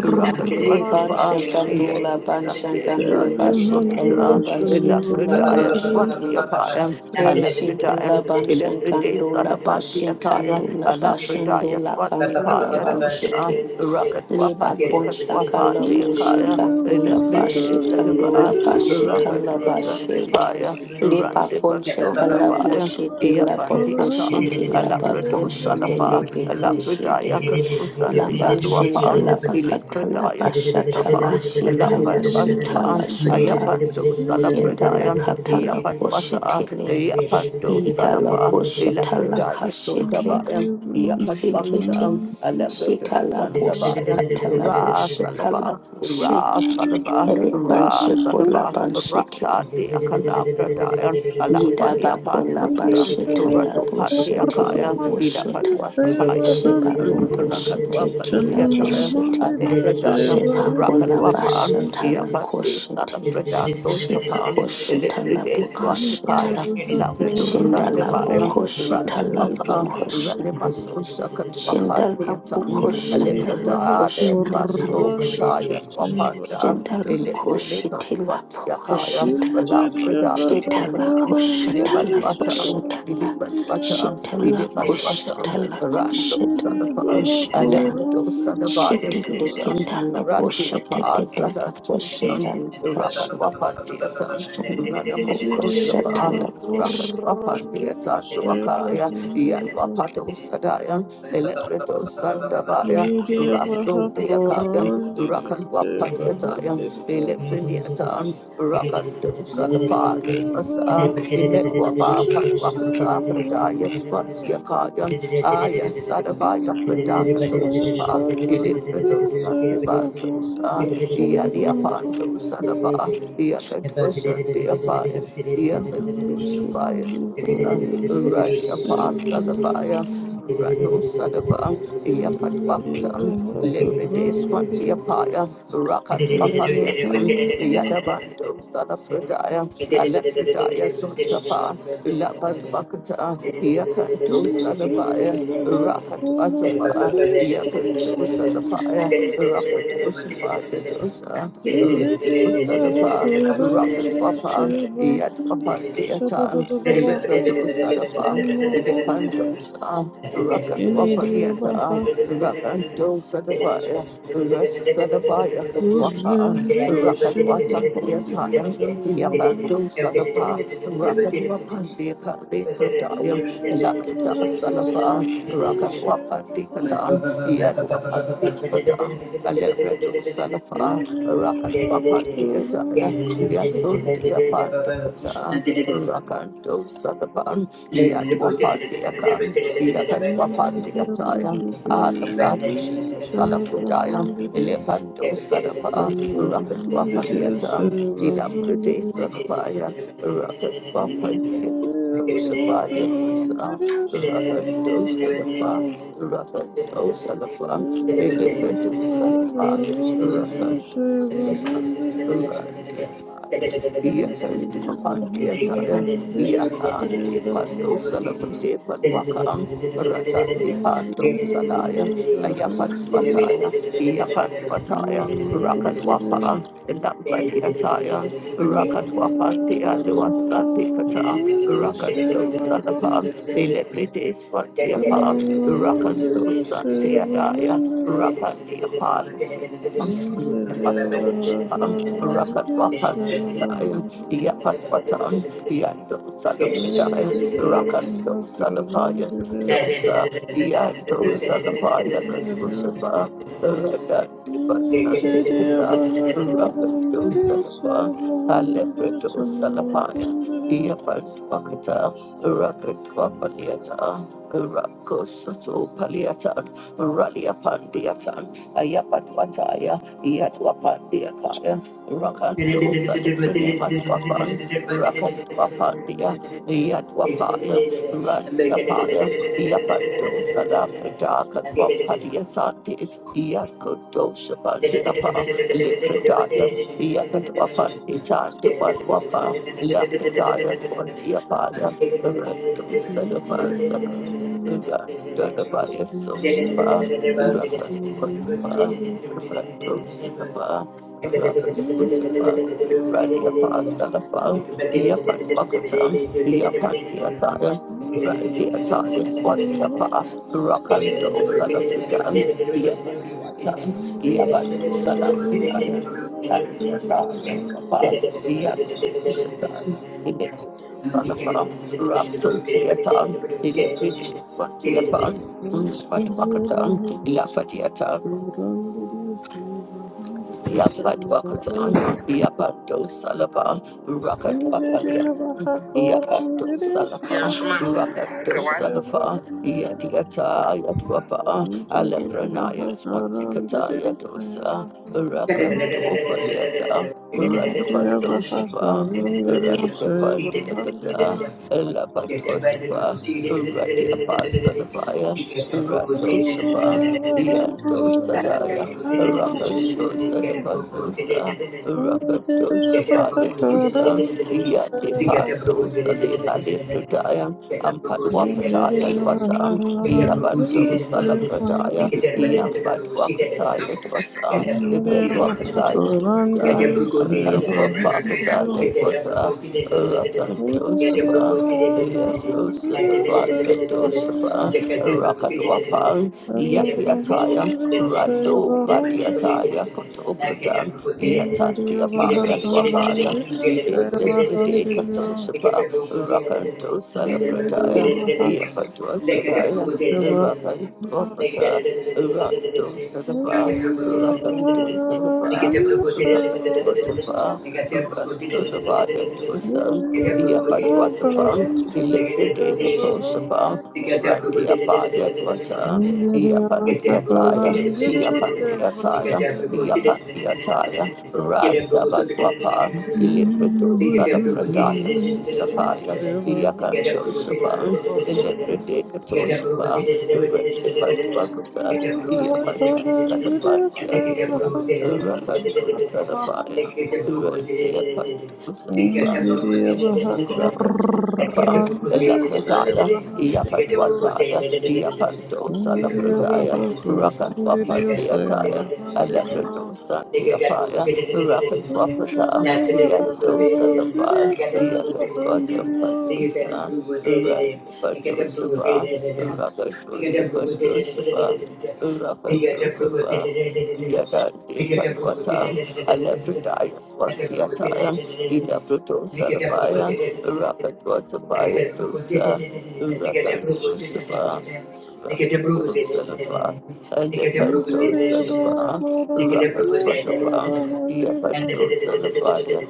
S5: Le
S2: Rakatwatapa,
S5: banchankando la
S2: Yedosa Theatre,
S5: banchankando bashikan
S4: Nigeria
S2: Edwakata,
S5: la
S4: shalom
S2: Elapradaya
S5: bon
S4: Nigeria
S5: bonshikli.
S2: Swantiapaya,
S5: Ren shikin la
S2: Alapridaya, Elepride
S5: banshankando la
S2: Sadafatiataya,
S5: bashinkando la
S3: you.
S5: bashando
S2: Alapridaya
S5: la kando la
S2: Swantipaya
S3: Thank
S2: Dosa,
S5: banshike. Liba kon shaka labo
S2: Rakatwapandikatwapandiakaya,
S4: Nigeria
S5: shikando
S4: baha
S5: laba
S2: Elepride
S5: bashi
S4: korra
S2: Sadaba,
S5: laba
S4: Nigeria
S5: shikan laba
S2: Rakadosa
S4: shalom
S5: she. Liba kon shaka labo
S4: Nigeria
S2: Randivasundabaya,
S5: shite
S4: baha
S5: laba ko
S4: korra
S2: Yafandiatan,
S5: shite
S4: Nigeria shalom Nigeria baha
S5: laba
S2: Alabrado
S5: kon shende
S2: Salafa,
S5: lebe kan
S2: Alafridaya
S5: shende.
S2: Katusandia
S5: Lamban shende
S2: Luapan,
S5: laba kata
S2: Ilikradaya
S5: laba shata la
S2: Sutapan,
S5: shita la shita la
S2: Alambatuatapan,
S5: shuta.
S2: Ayapandu
S5: Shenda la
S2: Salafridayan,
S5: kata la ko
S2: Yapatwata,
S5: shite le.
S2: Yapandu
S5: Ita la
S2: Salafa,
S5: ko la
S2: Ilakradaya
S5: ka
S3: you.
S5: shite.
S2: Sutabayan,
S5: Ifikiti
S2: Yapatwakatan, Alabrado
S3: Thank
S5: shikalaboshe
S2: Sandabaya, Ra
S5: katalaboshe
S2: Salava.
S5: kalaboshe
S2: Ra
S4: korra Nigeria
S2: Salaba, Ra
S5: rebanshe
S4: shalom
S2: Salaba,
S5: kolabansheke
S2: Rata de Akala Pradayan, Ala Falia Pandosan,
S5: yidabakolabashe
S4: Injiri
S2: Rato
S5: talaboshe
S2: Pandiakaya, Ila
S5: telaboshe ta
S2: Patuatapaya Dosan,
S5: shebaloboshe
S2: Rakatua Pandiataya,
S5: tekelaboshe te
S2: Ale Pradayan, Rakaluapan,
S5: shepakolabashe
S2: Yapande
S5: talakoshe te
S2: Salafreda Sotapan,
S5: shebakoshe
S2: Elefride
S5: talabokoshe ta
S2: Swatipaya, Lavedo Sandabaya,
S5: shindalabokoshe
S2: Rakatuapa,
S5: talabokoshe
S2: Ranimaso Shakatuapa
S5: Shandala
S2: Theatan,
S5: Boko Shandala Ko
S2: Alepreta de
S5: Shandala
S2: Basso
S5: Bosh
S2: Kataya Wapanda,
S5: Shandala Ko
S2: Electrine
S5: Shitila
S2: Maswat
S5: Boko
S2: Yakaya,
S5: Shita
S2: Malafrida
S5: Shitala
S2: Katopanan,
S5: Ko Shatala Ko
S2: Ilematwatan,
S5: Shitala
S2: Ilematwatan,
S5: Shitala Ko
S2: Ilematwatan,
S5: Shatala Ko
S2: Rando
S5: Shitala Ko
S2: Sarafan,
S4: baha
S5: Shinda
S4: koran
S2: Alepreto
S4: diri
S2: Sanabaya
S5: Shitila
S4: seva
S2: Sushan,
S5: Kitala
S2: Randi
S5: Boshita
S2: Apa
S5: Dela Ko
S2: Sanatoshan,
S5: Shandala Ka
S2: Rakat
S5: Shita
S2: Wapandiatan,
S5: Shandala Boko
S2: Radamaso
S4: Jiri
S2: Shapa,
S4: Abraha
S5: Shatala
S2: Rakat
S4: Korandiri
S2: Wapandiatan
S3: Thank
S2: Duakaya, Yan
S4: Shevahandiri
S2: Wapato Sadayan, Electro Sandabaya,
S4: Jiri
S2: Raso
S4: Abraha
S2: Deakayam,
S4: Korandiri
S3: you.
S2: Rakan Wapatiatayam,
S4: Shevahandiri
S3: Thank
S2: Elefiniatan, Rakado
S4: Jiri
S2: Salapaya to us,
S4: Abraha
S2: Imetwapa
S4: Korandiri
S2: Patwapata, Pradaya
S4: Shevahandiri
S2: Swatiakayam, Aya Sadabaya
S4: Jiri
S2: Fredakato
S4: Abraha
S2: Shapa,
S4: Korandiri
S2: Electro Sandibantosa,
S4: Shevahandiri
S2: Yadiapanto
S4: Shevahandiri Jiri
S2: Sadaba, Yakatosha Deapaya, Yakatosha
S4: Abraha
S2: Paya Dosa,
S4: Korandiri Shevahandiri
S2: Radia Pasalabaya.
S4: Jiri
S2: Rano Sadaba, Yapatwakatan,
S4: Abraha
S2: Leprete
S4: Korandiri
S3: you.
S2: Swatiapaya,
S3: Thank
S2: Rakat
S4: Hundred
S2: Papaliatan, Yadabanto Sadafredaya, Alefredaya Suntapa, Lapatwakata, Yakanto Sadabaya, Rakatwatapa, Yakanto Sadapaya, Rakato Sapaya Dosa, Rando Sadapa, Rakatwapa, Yatwapa
S3: you.
S2: Deatan,
S3: Thank
S2: Eleprato Sadafan, Idepandosa. Rakat Wapaliata, Rakanto Sadabaya, Rasadabaya Katwapa, Rakat Watan Yatayam, Yabanto Sadapa, Rakat Wapandi Kali Pradayam, Lakita Salafa, Rakat Wapandi Katan, Yad Wapandi Katan, Alebrato
S4: Save
S2: Salafa, Rakat Wapandi Ataya, Yasundia Pandakata,
S3: you.
S2: Rakanto Sadapan,
S3: Thank
S2: Yad Wapandiakan. Yakatuapandiataya. Ah, the blood of Jesus, Salafrodiam, Elebando Sadapa, Rakatuapandiatan, Nidaprade Sadapaya, Rakatuapandiatan, Dosapaya Dosa, Rakando Salafa, Rakando Salafa, Elebrado Salapa, Rakando Salapa, Randiapaya, Yakatuapandiataya, Yakandi
S4: a
S2: Pando
S4: hundred
S2: Salafrodiapan Wakan. Rata
S4: Thank
S2: Dipando Sadaya, Ayapandwataya, Yapandwataya, Rakanwapa, Lambadiataya, Rakatwapa,
S3: you.
S2: Tialua Sandikata,
S3: Thank
S2: Rakando Sanapan, Elebrides Fatiapa, Rakando Santiadaya, Rakandiapalus. Rakat wapan diataya, iapat watan, iando salafridaya, Rakato Sadapaya Dosa Yato Sadapaya
S4: you.
S2: Katosapa Rada
S4: Thank
S2: Deva Santikata
S3: you.
S2: Rakato Sadapa Alepreto Salapaya Yapatuakata Rakatua Paliata Rakosato Paliatan Ralia Pandiatan Ayapatuataya Yatuapandiakaya
S3: Thank
S2: Rakato Salifrene Matuafan Rakatua Yatwapaya, Randiapaya, Yapanto Salafrida,
S3: you.
S2: Katwapatia Santi, Yakuto
S3: Thank
S2: Shabandiapa, Lipretaya, Yakatwafanti Tandi Walwafa, Lapretaya Swantiapaya, Rando Salapasaka, Randalabaya Sospa, Rakan Pantapa, Rando Salapa, Rakan Usapa, Radiapa Salafa, Yapatwakatam. Yapandiataya, Randiataya, Swatstapa, Rakando, Salafridan, Yapandiatan, Yabadu, Salafridaya, Randiataya, Kapa, Yabadu, Shatan, Ilipid, Salafa, Raptul, Diatan, Ilipid, Swatiapan, Matwakatan, Lafadiatan.
S4: you. Thank
S2: Yapatwakatan, Yapato Salapa,
S4: you.
S2: Rakatwapaliatan, Yapato Salapa,
S6: yɛnsoma no
S2: Rakato Salafa, Yatiata Yatwapa, Alepranaya Swantikata Yatosa, Rakanto Paliata, Ratapaso Shapa, Ratapantiakata, Lapatwatapa, Ratiapa Salapaya, Rato Shapa,
S3: Get
S2: Yanto Sadaya. Rakatosa Devandosa, Rakatosa Payatosa, Yandi Pandosa de Alepradaya, Ampadua
S4: Om
S2: Pataya Luatam, Yabandosa Lapradaya, Yambadua Kataya
S6: dɔfo fɛfɛ
S2: Tosa,
S6: sɛ ma
S2: Emedua
S6: ne
S3: Get
S2: Kataya
S3: Get a
S2: Tosa,
S3: brucosi,
S6: nim
S3: get
S6: sɛ
S2: Ampadua
S6: mmerɛ kakra yi
S2: Pakataya
S3: a
S2: Tosa,
S3: brucosi, get a
S2: Rakatosa.
S3: brucosi, at
S2: Yatosapa,
S3: the
S2: Yatosapa,
S3: second brucosi,
S2: Rakadwapa,
S3: get a
S2: Yatiataya,
S3: brucosi,
S2: Rando
S3: the
S2: Badiataya
S3: manipulated, like a
S2: Kotobrudan,
S3: brucosi,
S2: Yatatia
S3: to get a
S2: Payan
S3: brucosi,
S2: Wapaya,
S3: get a
S2: Iliste Fride
S3: brucosi, to get
S2: Katoshapa,
S3: a brucosi,
S2: Rakanto
S3: get a
S2: Salabradaya,
S3: brucosi,
S2: Yapatua
S3: like a
S2: Sadaya,
S4: Save a
S3: brucosi.
S2: Rakanto
S4: hundred,
S2: Pata,
S3: Thank
S2: Rakanto Sadaba,
S6: aka yɛ
S4: Seven
S6: afo kɔ
S2: Rakanto
S4: hundred,
S6: aka
S2: Sadaba,
S6: bɛn
S2: Rakanto Tapa, Rasulabaya Dosan, Yapatuatapan, Ilifride Katoshapa, Randiapaya Dwata, Yapandiataya.
S4: seven
S2: Yapandiataya, Yapandiataya, Randabatwapa,
S3: you.
S2: Ilibredo
S3: They Get a blue, they get
S2: Salafradaya
S3: a
S2: Sutapaya,
S3: blue, they get a blue, they get
S2: Yakandoshapan,
S3: a blue, they get a blue, they get a blue,
S2: Ilibredekatoshapa,
S3: they
S2: Rendibadwakata,
S3: get a blue, they get
S2: Yapado
S3: a blue, they get a
S2: Salafandiakata,
S3: blue, they get
S2: Rakando
S4: hundred,
S2: Salapaya, Rendiapando
S3: a
S4: Injiri
S2: Salapaya,
S4: abahaku
S2: Rakato Sapa,
S4: randiri
S2: Elapradaya,
S4: sebahandirio
S2: Yapatwataya,
S4: Injiri
S2: Yapando
S4: abahaku randirio
S3: blue, they
S2: Rakadwapandiataya,
S3: get a blue,
S4: sebahandirio
S3: they get a
S2: Alepradosandhiapaya,
S4: Injiri
S2: Rakadwapata,
S4: abahaku
S2: Yandosadafaya,
S4: randirio sebahandirio
S2: Yakadwatapadosa, Randipatosapa, Rakadosapatosapa, Rakadosapa, Yadandipanwata, Alepradaya Swantiataya, Ilapradosarabaya, Rakadwatabaya Dosa, Rakadosapa, Rakadosalafa, Ayapanto
S4: Injiri
S3: Lick
S2: Salafa,
S4: abahaku
S3: Mama,
S2: Rakan
S4: randirio
S2: Patapa,
S4: sebahandirio
S2: Yapanto Salafaya,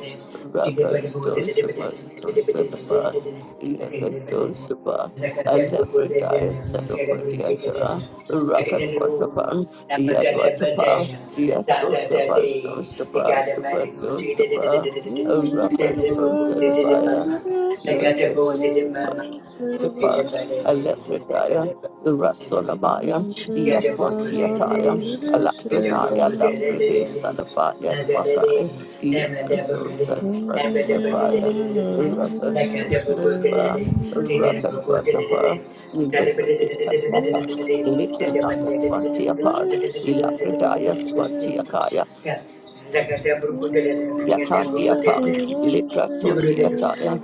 S2: Rakanto Samanto Salafa, Yakanto Sapa, Alephrataya Salopatiata, Rakat Watapa, Yatwatapa, Yasotapanto Sapa, Tapanto Sapa,
S4: Injiri
S2: Rakanto
S4: abahaku
S2: Salafaya,
S4: randirio
S2: Yakanto Sapa,
S4: sebahandirio
S2: Sapa,
S4: sebahandirio
S2: Alephataya, Rasolamaya,
S4: Injiri abahaku
S2: Yaswatiataya,
S4: randirio
S3: like
S2: Alafrenaya, Labrede,
S4: sebahandirio
S2: Salafaya, Wakai, Yakando,
S4: Hundred
S2: Salafrantapaya, Rakando, Salapa, Rakatwatapa, Librede, Katapa, Librena, Yaswatiapan, Ilafredaya, Swatiakaya, Yatandiapan,
S3: a Nakate
S2: Leprasondiataya,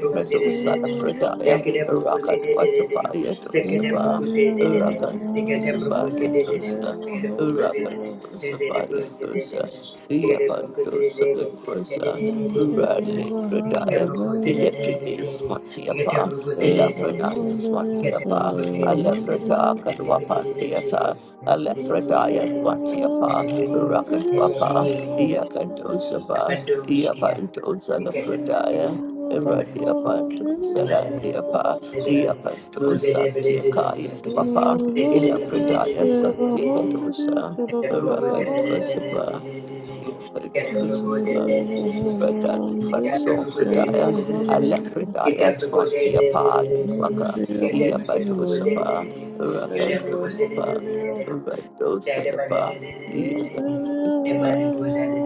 S3: Brukus did
S2: Fredaya,
S3: Jacket Brukus did
S2: Rakat
S3: it,
S2: Watapaya
S3: Second
S2: Dosapa,
S3: Brukus did it,
S2: Rakat
S3: Nicate Brukus
S2: Dosapaya
S3: did it,
S2: Dosa,
S3: Second Brukus did
S2: Rakat
S3: it, Second
S2: Dosapaya
S3: Brukus did
S2: Dosa,
S3: it, Second
S2: Yapan
S3: Brukus did
S2: dosakat Dosa Kedwasa,
S3: it,
S2: Rale
S3: Nicate
S2: Fredaya,
S3: Brukus did
S2: Electric
S3: it, Nicate
S2: Swatiapa,
S3: Brukus did
S2: Elafranaya
S3: it, Nicate
S2: Swatiapa,
S3: Brukus did it,
S2: Aleprata
S3: and the Brukus did
S2: Kalwapandiata,
S3: it. and the Brukus did
S2: Alefredaya
S3: it,
S2: Swatiapa,
S3: and the Brukus
S2: Rakat
S3: did
S2: wapa.
S3: it,
S2: Yakantosapa, Yapantosa the Frataya, Eradia Pantosa Randiapa, Yapantosa Tiakaya, Papa, Ila Pradaya Santikatosa, Rakantosapa, Yakantosapa, Ratan Baso Frataya, Alefredaya Swatiapa, Yatwaka, Yapatosapa, Rakantosapa,
S3: Thank
S2: Radosalapa, Yakantosapa.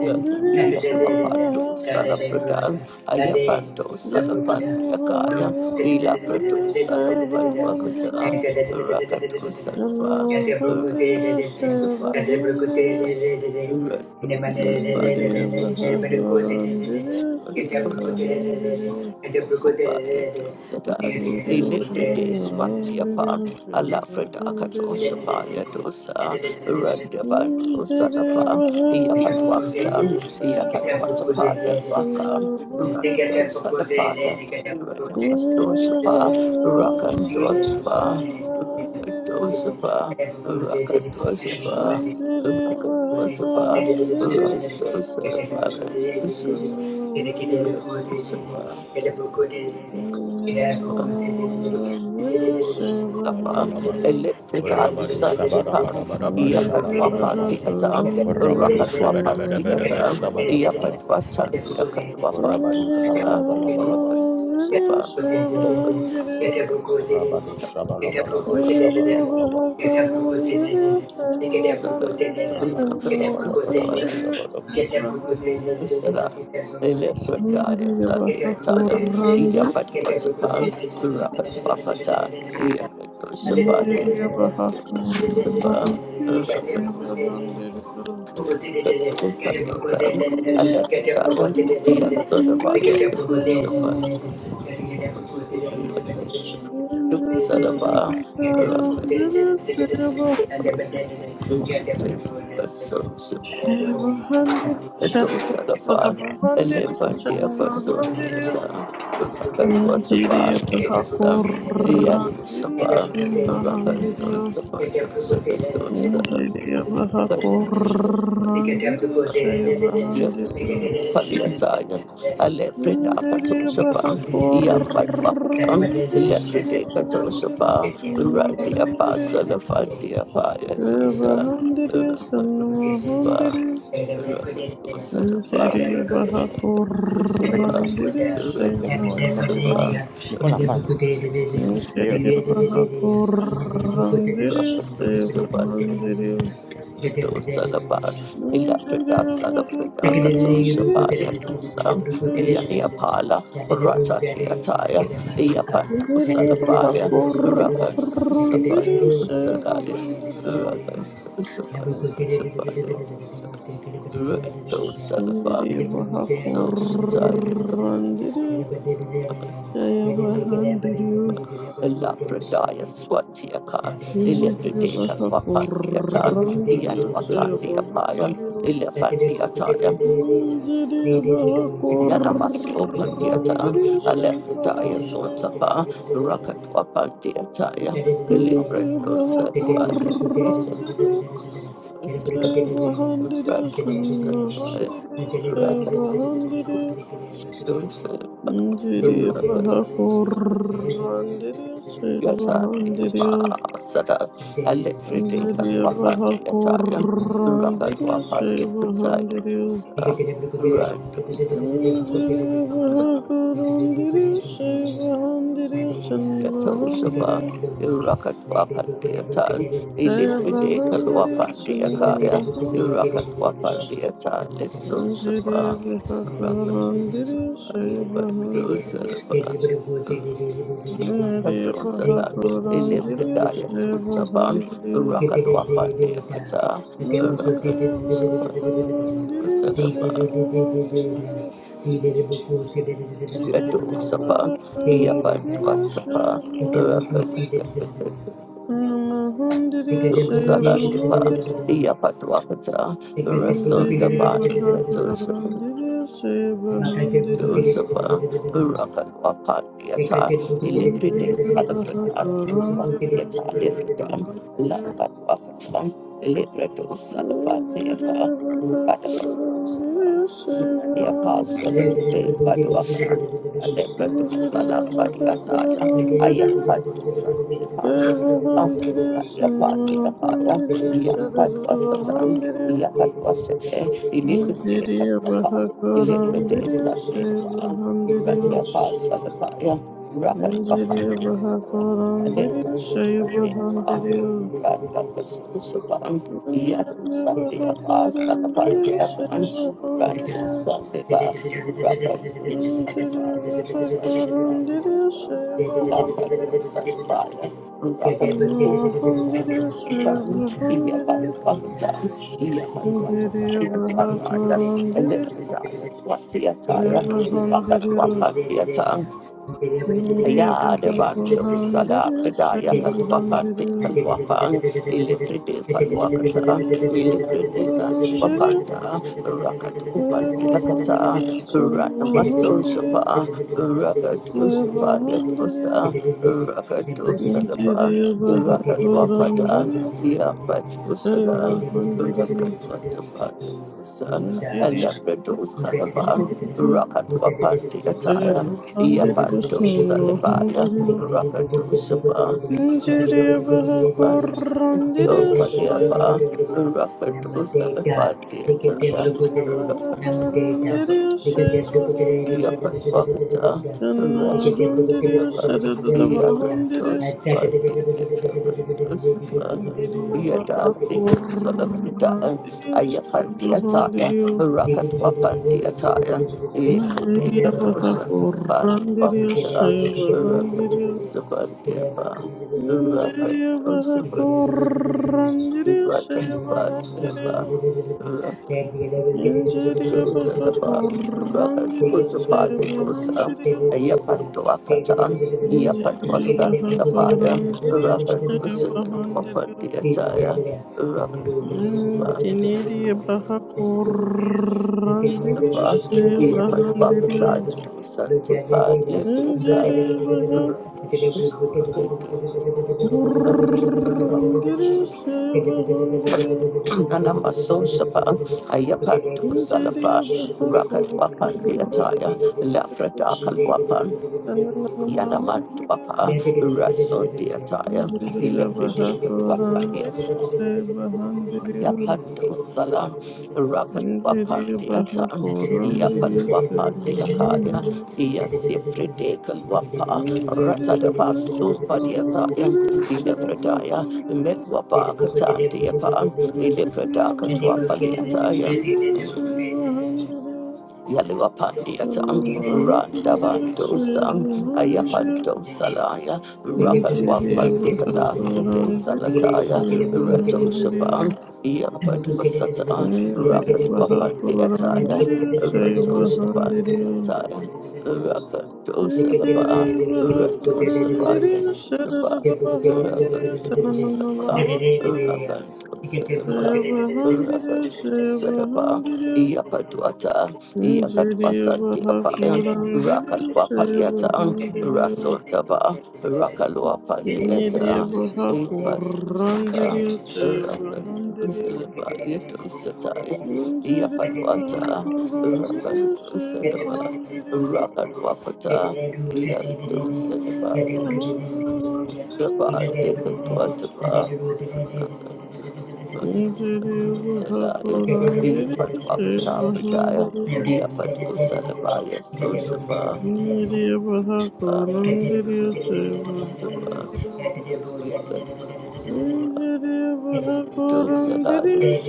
S2: Yapando
S4: Say,
S2: Salafredan, Ayapanto Salafaniakaya, Ilaprato Salapatuakata, Rakatu Salafa, Rakatu Salafaya, Rakatu Salafaya, Sabaya dosa, Illibride Swatiapa,
S3: you.
S2: Alafrida
S3: Thank
S2: Katoshapaya dosa, Randavan dosalafa, Yapatwakatan, Yakatwatapaya wakan, Rando salafaya, Ranamasosapa,
S3: you.
S2: Rakandotapa,
S3: Thank
S4: Save
S2: Rakadosapa, Rakadosapa,
S4: Save
S2: Rakadotapa, Rando salafaya dosapa. Rakadosapa. Mustafa,
S1: Shabalabalaba.
S2: Elifrida,
S1: Rabado
S2: Isatipan,
S1: shabadabadabadaba
S2: Yakatwapa
S1: shabalabalaba.
S2: Theatre,
S1: Rabado
S2: Rakatwapa
S1: shabadabadabadaba
S2: Theatre,
S1: shabadabadaba.
S2: Yapatwata, Yakatwapa
S1: Rabado
S2: Theatre,
S3: you.
S1: shabalabalabalaba.
S2: Rakatwapa, Yakatwapa,
S1: Rabado shabalabalaba shabalabalaba. Rabado
S4: a
S2: Yakatwapa,
S1: shabadabadaba
S2: Yakatwapa,
S1: shabadaba.
S4: hundred,
S2: Sala, Elephataya,
S4: Ndiriya baha
S2: Satyataya,
S4: kurrande,
S2: Iyapatwatapa, Rapatwapata, Iyapatosapa,
S4: ndiriya baha
S2: Iyapatosapa,
S4: kurrande, sevaha
S2: Rapatosapa,
S4: ndiriya, ndiriya
S2: Alephataya,
S4: baha
S3: Get they
S4: kurrande,
S2: Iyasodavaya,
S3: Get up to go there, get up
S2: Katosapa,
S3: to
S4: sevaha
S3: go there, get up to
S4: ndiriya, ndiriya
S2: Rapatosapa,
S4: baha
S3: go there,
S4: kurrande,
S3: and
S4: sevaha
S3: the better get up to go there.
S2: Rapatosapa,
S3: The room, the room,
S2: Dosa
S3: get up to go
S2: Dosalafa,
S3: there,
S4: baha ndiriya,
S2: Elefantia
S4: sevaha
S3: get up
S4: ndiriya,
S2: Pasoniata,
S3: to go there,
S2: Rakatwatapa,
S4: ndiriya baha
S2: Dosa,
S4: kurrande,
S2: Yakusaba,
S4: sevaha
S2: Rakan dosa, dosa Yadusapa, Rakatosapa,
S4: Indiriya
S3: get up to
S4: baha
S3: go there.
S2: Dosakadosa,
S3: Thank
S4: korandiriya
S2: Rakatosapa,
S4: shaya bahandiriya.
S2: Yakatopaliataya, Alefrida
S4: Indiriya baha
S2: Katosapa, Yambatwakata,
S4: korandiriya shaya
S2: Elefride
S4: bahandiriya
S2: Katosapa,
S4: sanna
S2: Randia
S4: bahandiriya.
S2: Pasalafantia Paya
S4: Shaya
S2: Dosa,
S4: bahandiriya
S2: Rakan
S4: sanna
S2: Dosaba,
S4: bahandiriya.
S2: Rakan dosa lafa.
S4: Indiriya baha
S1: Becky,
S2: Sabah,
S4: korandiriya
S1: let's
S4: shaya
S1: say good morning.
S2: Sabah,
S4: bahandiriya.
S1: Me call her fast. Hey, yo.
S4: Indiriya baha korandiriya shaya
S2: so
S4: bahandiriya.
S3: you. Thank
S4: Indiriyo
S2: tired.
S4: bahakorandiriyo
S2: Lafradaya Swatiaka, Elepredeka Wapandiata,
S3: you.
S2: Yatwatandiapaya,
S3: Thank
S2: Elephandiataya, Yanamaso Pandiata, Alefradaya Sotapa, Rakatwapandiataya, Elipredo Salabaya,
S4: Sayabhandiri
S2: Rato Salabaya,
S4: Sanmahandiri Sayabhandiri Njiri
S2: Rakatwapandiataya,
S4: Bahakurandiri
S2: Yasada
S4: Sayabhandiri
S2: Alifrite
S4: Njiri
S2: Wapan Yataya Rakan
S4: Bahakurandiri
S2: Wapan
S3: you.
S2: Pitaya
S4: Sayabhandiri
S3: Thank
S2: Randos
S4: Njiri Bahakurandiri Sayabhandiri
S2: Yato Saba
S4: Sanmahandiri
S2: Irakat Wapan Yatan Ilifrite
S4: Sayabhandiri
S2: Kalwapan Yakaya
S4: Sanmahandiri
S2: Irakat Wapan Yatan Lisso
S4: Njiri
S2: Saba Rakan
S4: Bahakurandiri
S2: Saba Bandos
S4: Sayabhandiri
S2: Saba
S4: Manjeriya
S2: Kadosada,
S4: Bahakurandirio
S2: Elifredaya
S3: you.
S2: Sutaban,
S4: Shivahandiriyo
S3: Thank
S2: Rakadwapandya Kata,
S4: Manjeriya
S2: Rakadusapa,
S4: Bahakurandirio
S2: Sadaba,
S4: Shivahandiriyo
S2: Yato
S4: Manjeriya
S2: Sapa,
S4: Bahakurandirio
S2: Yapatwatapa,
S4: Shivahandiriyo
S2: Rakadakadakadakadu
S4: Namahandiriyo
S2: Salandipa,
S4: Shivahandiriyo
S2: Yapatwakata,
S4: Manjeriya
S2: Rasundaban,
S4: Bahakurandirio
S2: Do
S4: Shivahandiriyo Manjeriya
S2: Dosapa, Burakan Wapan Yata, Illipride Salafredan,
S4: Bahakurandirio
S2: Yata Lefredan,
S3: you.
S4: Shivahandiriyo
S2: Lapan Wakatan, Illipredo Salafan Yata,
S4: Injiriya
S2: Ratabas
S4: bahakoran
S2: Dosapan, Yapa
S3: Get down,
S2: Salafride Baduakan, Alepredo Salafan Yata, Ayapan Salafan. Yapan Yapaya, Yapat was Satan, Yapat was Sete, Illipride Ilibrity Sandiapa, Randiapa Salapaya, Rakatapaya, Alibra Sandiapa, Rakapasapan, Yadu Sandiapa,
S3: get
S4: diriyo,
S2: Salapandiapan, Randu
S4: diriyo.
S3: down, get down.
S2: Sandipa, Rakatu
S4: Injiri
S2: Salapaya, Sandipa,
S4: Bahakuran
S2: Lambatu Salapaya,
S3: Thank
S2: Rakatu Salapaya, Iyapat Pakutan, Iyapat Pakutan, Electric, yes, what Elitraya Swatiataya, Rakat Wapat Yadabantum Sala Fridaya Katwapan de Kalwafang, Ilifride Palwakata, Ilibrineka Tuapanta, Rakatu Pandiakata, Ranamaso
S4: diri,
S2: Shapa, Rakatu Shapa Yatusa, Rakatu Salapa, Rakadwapata,
S4: Sayaba
S2: Yapatusada,
S4: handiriyo,
S2: Rakadwatapa.
S4: injiri
S3: you.
S2: Alabrador
S3: Thank
S2: Salaban,
S4: handiriyo,
S2: Rakatwa Pandiataya,
S4: sayaba handiriyo,
S2: Yapando
S4: sama
S2: Salibaya,
S4: handiriyo,
S2: Rakato Saba,
S4: injiri
S2: Rakato
S4: baha
S2: Saba,
S4: korandiriyo, sayaba
S2: Lopaniaba, Rakato Salifan Diataya,
S4: handiriyo, baha
S2: Rakato
S4: korandiriyo,
S2: Salaba.
S4: sayaba handiriyo,
S2: Yakatwakata,
S4: sama handiriyo,
S2: Randosidava,
S4: sadadadaba handiriyo,
S2: Yakatosva, Yakatosva,
S4: injiri baha
S2: Yadandi was son of Ida,
S3: you.
S4: korandiriyo,
S2: Ayafandi
S4: sayaba
S2: Ataya,
S4: handiriyo,
S3: Thank
S2: Rakatwapandi Ataya,
S4: injiri baha
S2: Epredicatosa,
S4: korandiriyo,
S2: Pandwakata,
S4: sayaba handiriyo,
S2: Rakatosapandiapa,
S4: Injiriyo baha
S2: Rakatosapandiapa,
S4: korandiriyo
S3: Thank
S4: seyo bahandiriyo.
S2: Rakatosapandiapa,
S4: Injiriyo
S2: dosa
S4: baha
S2: dafa raka
S4: korandiriyo
S2: dosa pa
S4: seyo
S2: ya dosa
S4: bahandiriyo.
S2: ya pa doa kata ya pa
S4: Injiriyo
S2: dosa
S4: baha
S2: dafa ya
S4: korandiriyo
S2: raka
S4: seyo
S2: dosa dafa pa
S4: bahandiriyo.
S2: dia caya raka dosa pa
S4: Injiriyo baha korandiriyo
S2: Shalafa,
S4: seyo
S2: iya patwa
S4: bahandiriyo.
S2: kacaya tu santi pale prataya,
S4: Injiriyo baha korandiriyo seyo
S2: rama tu samale tu, rama tu
S3: you.
S2: samale
S3: Thank
S4: bahandiriyo.
S2: Nanamaso Shapa, Ayapanto
S4: Injiriyo
S2: Salafa,
S4: baha korandiriyo.
S2: Rakatwapandiataya, Lafratakalwapan,
S4: Ananamahandiriyo,
S2: Yanamantuapa, Rason Diataya,
S4: Indiriyo
S2: Ilepredekatwapaniasa.
S4: Bahakurandiriyo, Sebahandiriyo,
S2: Yapando Salam, Rakat Wapa
S4: Indiriyo
S2: Deatan, Yapan
S4: Bahakurandiriyo,
S2: Wapa Deakaya,
S4: Sebahandiriyo,
S2: Yasifridekal Wapa,
S3: you.
S4: Indiriyo
S2: Ratadaba Sumpa Deatayam,
S4: Bahakurandiriyo,
S2: Ilepradaya,
S4: Sebahandiriyo,
S3: Thank
S2: Metwapa Katan Deapan,
S4: Indiriyo
S2: Ilepradaka Twafaliataya.
S4: Bahakurandiriyo, Sebahandiriyo,
S2: Yaluapandiatan,
S4: Ananamahandiriyo,
S2: Randabandosan,
S4: Sebahandiriyo,
S2: Ayapandosalaya,
S4: Indiriyo
S2: Rakalwapandikanasite
S4: Bahakurandiriyo,
S2: Salataya, Retoshapan,
S4: Sebahandiriyo,
S3: you.
S2: Yapadosata,
S4: Indiri baha kolam
S2: Rakatwapandiataya,
S4: diriyo say bahan diriyo.
S2: Retoshapandiataya,
S4: Indiri
S2: Rakadosalaba,
S4: baha kolam
S2: Retosabaya
S4: diriyo
S2: dosaba,
S4: sarada bahan diriyo
S3: Get
S4: sananana
S2: Rakadosalaba,
S4: mahan diriyo. Say
S2: Rakadosalaba,
S4: bahan diriyo say bahan
S2: Rakadosalaba,
S4: diriyo.
S2: Yapadwata.
S4: Indiri
S2: Yakatwasanti
S4: baha
S2: Apayan,
S4: kolam diriyo
S2: Rakalwa
S4: say
S2: Paliatan,
S4: bahan diriyo.
S2: Rasundaba, Rakalwa
S4: Indiri
S2: Pandiata,
S4: baha kolam
S2: Yapatusapa,
S4: diriyo say bahan diriyo.
S2: Rakantusilaba, Yatusataya,
S4: Indiri baha
S2: Yapatwata,
S4: kolam
S3: the
S4: diriyo say
S3: Thank
S2: Rakantusilaba,
S4: bahan diriyo.
S2: Rakalwapata, Yatusilaba.
S4: Save
S2: Rakat was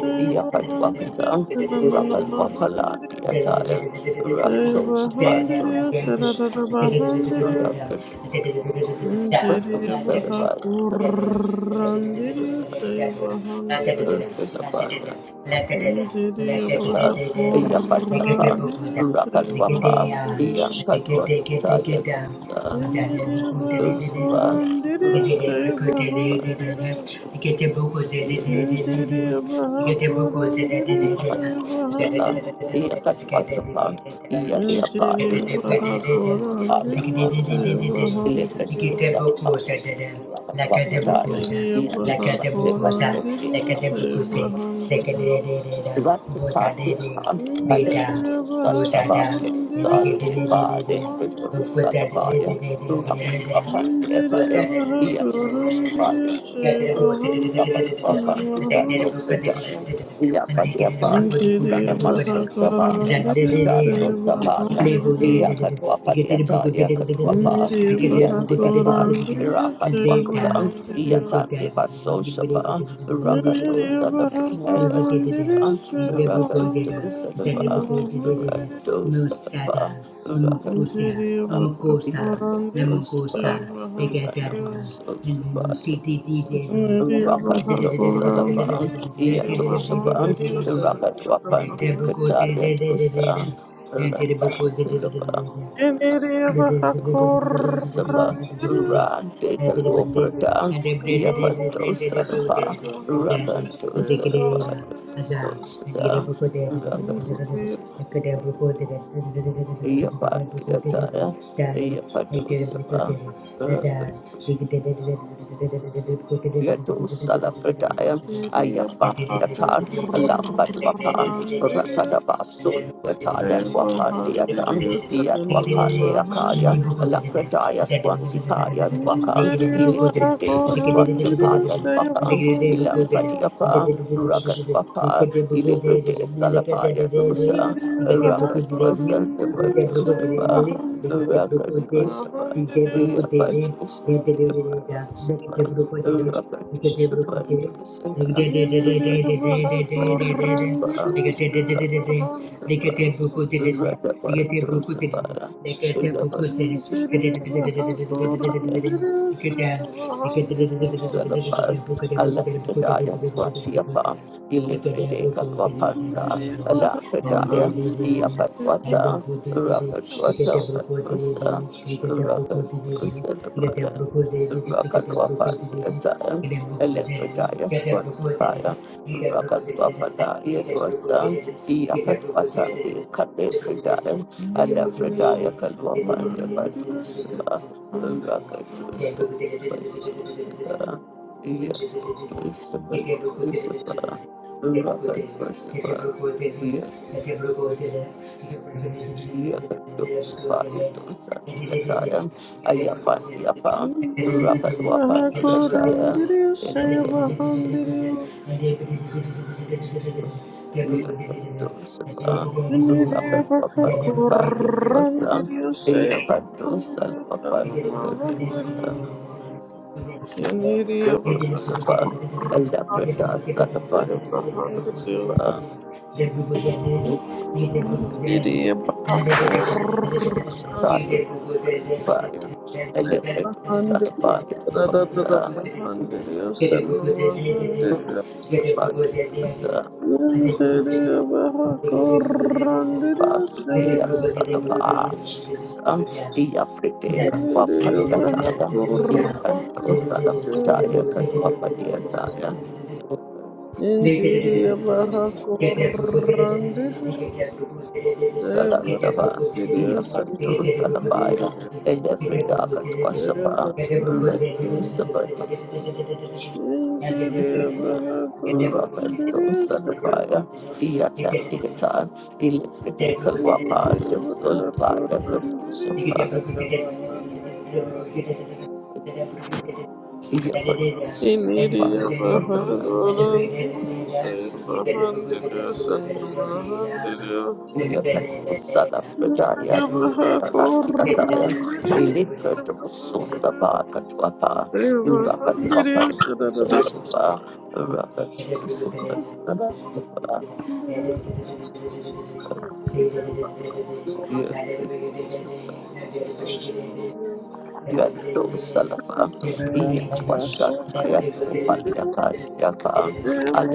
S3: you. Get
S4: Injiri abaha kurandiriyo
S2: a
S4: sebahandiriyo
S2: Dosadabaya,
S4: Injiriyo
S2: Satan, Yafatwapa,
S4: bahakorandiriyo
S2: Rakatwapa,
S4: sebahandiriyo
S2: Yampatwataya Dosa,
S4: Injiriyo
S2: Dosapa,
S4: bahakorandiriyo
S2: Rakan Dosapa,
S4: sebahandiriyo Injiriyo
S3: Beta,
S4: bahakorandiriyo
S2: Yapatosala,
S4: sebahandiriyo
S2: Yakatwatapa, Yadiapa,
S4: Injiriyo
S2: Lipataya Sotapaya
S4: bahakorandiriyo
S2: Wataya,
S4: sebahandiriyo
S2: Lipatosapaya, Rakatwapataya,
S4: Injiriyo
S2: Yanusa
S4: bahakorandiriyo
S2: Devasopeta,
S4: sebahandiriyo
S2: Ratapatiatan,
S4: Injiriyo
S2: Alepeto
S3: Bozada,
S4: bahakorandiriyo
S2: Santabatusa, Eva, Alepeto
S4: sebahandiriyo
S2: Salabaya,
S4: Injiri
S2: Rapapatiatan, Yasusapaya,
S4: Bahakurandir Shiva
S2: Rapapatiano, Pedaya, Yapatiapan, Ranamasundabaya,
S3: Thank
S2: Lapita
S3: you.
S2: Sundabaya,
S3: Musada,
S2: Yakatuapatiata, Yakatuapa, Yandiatan, Rapatuakatan, Yatan de Basosapa, Rakato Salapaya, Etusa. Rakado Sadaba, Rado Sadaba, Rakado
S3: Mukusia,
S2: Saba,
S3: Mukosa,
S2: Yakado Saba,
S3: Lamukosa,
S4: Handir
S3: Egadabu,
S2: Ranamaso
S3: and
S2: Saba,
S3: Zimusi
S4: Uriya
S2: Rakado Salafan,
S4: bahakurandiriya sariya
S2: Yato Saba,
S4: bahandiriya
S3: Dedo.
S4: sarada
S2: Rakatwapan
S3: Did a
S2: de
S3: book,
S4: bahandiriya
S3: did
S2: Kataya
S3: it, did it, did
S2: Dosa,
S3: it, did it, did it, did it, did
S2: Rando
S3: it, did it, did it,
S2: Salaba.
S3: did it.
S4: yeniriya
S3: Raja,
S2: Dosaba
S4: bahakurandiriya
S2: Rande
S4: sariya bahandiriya
S2: Kaloprata Yapanto
S4: sariya
S2: Sarapa
S4: bahandiriya
S2: Rakanto
S4: sariya
S2: Sarapa
S4: bahandiriya
S2: Sosata Rakanto
S4: injiriya
S2: Sarapa Yapantiataya Yapato Sapa Rakanto Yeto Salafredaya,
S4: injiriya
S2: Ayafandiatan, Lambatuapan,
S4: bahakurandiriya
S2: Ratadabasun,
S3: Thank
S2: Yataya
S4: sariya
S2: Luapandiatan,
S4: bahandiriya sarana
S2: Yatuapandiakaya,
S4: mahandiriya
S2: Lafredaya Swantipaya Duakan,
S4: Indiriye
S2: Ilipridaya
S4: bahakorandiriye
S2: Swantipaya Duakan,
S4: sebahandiriye
S2: Ilamfadiapa, Rakatuapa, Ilipridaya Salapaya Dosa,
S4: indiriye
S2: Rakatuasa
S4: bahakorandiriye
S2: Depatusapa,
S4: sebahandiriye
S3: you.
S2: Rakatuapa,
S3: Kite
S4: mahandiriye
S3: brukutere,
S2: Yapatusa
S3: dete de de de da,
S2: Depatusa.
S3: dekete brukutere,
S2: Rather,
S3: dekete brukutere, dekete de de de de
S4: indiriye
S3: de de de de de de de,
S4: bahakorandiriye
S3: dekete de de de de de,
S4: sebahandiriye
S3: dekete brukutere de, dekete brukutere de, dekete brukutere, kete
S4: indiriye
S3: de de de de de de de de de de de de,
S4: bahakorandiriye
S3: dekete, dekete de de de de
S4: sebahandiriye
S3: de de de de de
S2: Salapa,
S3: de, brukutere brukutere brukutere
S2: Alafredaya
S3: de de de
S2: Swatiapa, Ilifride Kalwapanda,
S4: indiriye
S3: de de
S2: Alakredaya,
S3: de de
S4: bahakorandiriye
S3: de.
S4: sebahandiriye
S3: And the
S2: Yapatwata,
S3: good day, we Get
S2: Rakatwata
S3: a broke day,
S2: Patusa,
S3: we get a broke day,
S2: Rakatusa
S3: we get a broke day, we get a
S2: Dabaya,
S3: broke day, we get a broke day,
S2: Rakatwapandiata,
S3: we get a broke day,
S2: Alafredaya
S3: we get a broke day,
S2: Swatipaya,
S3: we get a broke day, we get a broke day,
S2: Rakatwapada
S3: we get a broke
S2: Yedwasa,
S3: day, we get a broke
S2: Yapatwata
S3: day,
S2: de Kalefredaya, Alafredaya Kalwapanda Patusa,
S4: Andiriyo,
S2: Rakatusa. Lucifer, yet Lucifer,
S3: we get a broke
S2: Lucifer,
S3: day, Thank
S2: Raven Lucifer, yet yet Lucifer, yet Lucifer, Ayafati upon Raven
S4: andiriyo,
S2: Wapan
S4: bahakor,
S2: Yataya,
S4: andiriyo, saya
S2: Elephant
S4: bahandiriyo.
S2: Lucifer, Yavan Lucifer,
S4: Andiriyo,
S2: Raven Wapan
S4: bahakor,
S2: Yataya,
S4: andiriyo, saya
S3: you.
S2: Yapan Dosan
S4: bahandiriyo,
S2: Wapan
S3: Get
S4: sana
S2: Yadosa.
S4: mahandiriyo. Andiriyo, bahakor,
S2: Rotosapa, Alabrata, Salafa,
S4: saya bahandiriyo.
S2: Rotosapa, Rotosapa,
S4: Andiriyo, bahakor,
S2: Rotosapa,
S4: saya
S2: Alabrata,
S4: bahandiriyo,
S2: Salafa,
S4: sararara
S2: Rotosapa,
S4: bahandiriyo, sana mahandiriyo.
S2: Rotosapa, Rotosapa,
S4: Injury
S2: Iya Salafa,
S3: a
S2: Rotosapa,
S3: blue,
S2: Iya Frite, Kalwapa, Yataya, Iya Anto, Salafutaya, Kalwapa, Yataya, Salandava, Yapando Salabaya, Elefridaka Twashapa, Rendo Sabado, Rabando Salafaya,
S3: Get
S2: Yatandita,
S3: Thank
S2: Elefridaka Wapa, the Solavaya Kadoshapa, Yapando
S4: Iniriya
S2: Santapa,
S4: Mahagodandiriya Saya Mahandiriya Sanna Mahandiriya
S2: Sala Fragaya,
S4: Iniriya
S2: Sala Diataya,
S4: Mahakorandiriya
S2: Elibra
S4: Saya
S2: to Sota
S3: you.
S4: Mahandiriya
S2: Baka to Apa,
S4: Saya
S2: Rakat Papa
S4: Mahandiriya
S2: to
S4: Sadadadadiriya
S2: Suba, Rakat to Suba,
S4: Sadadadadadiriya Iniriya Mahakorandiriya
S2: Suba, Yado Salafa,
S4: Saya
S2: Yatwashataya to
S4: Mahakorandiriya
S2: Paliaka, Yaka,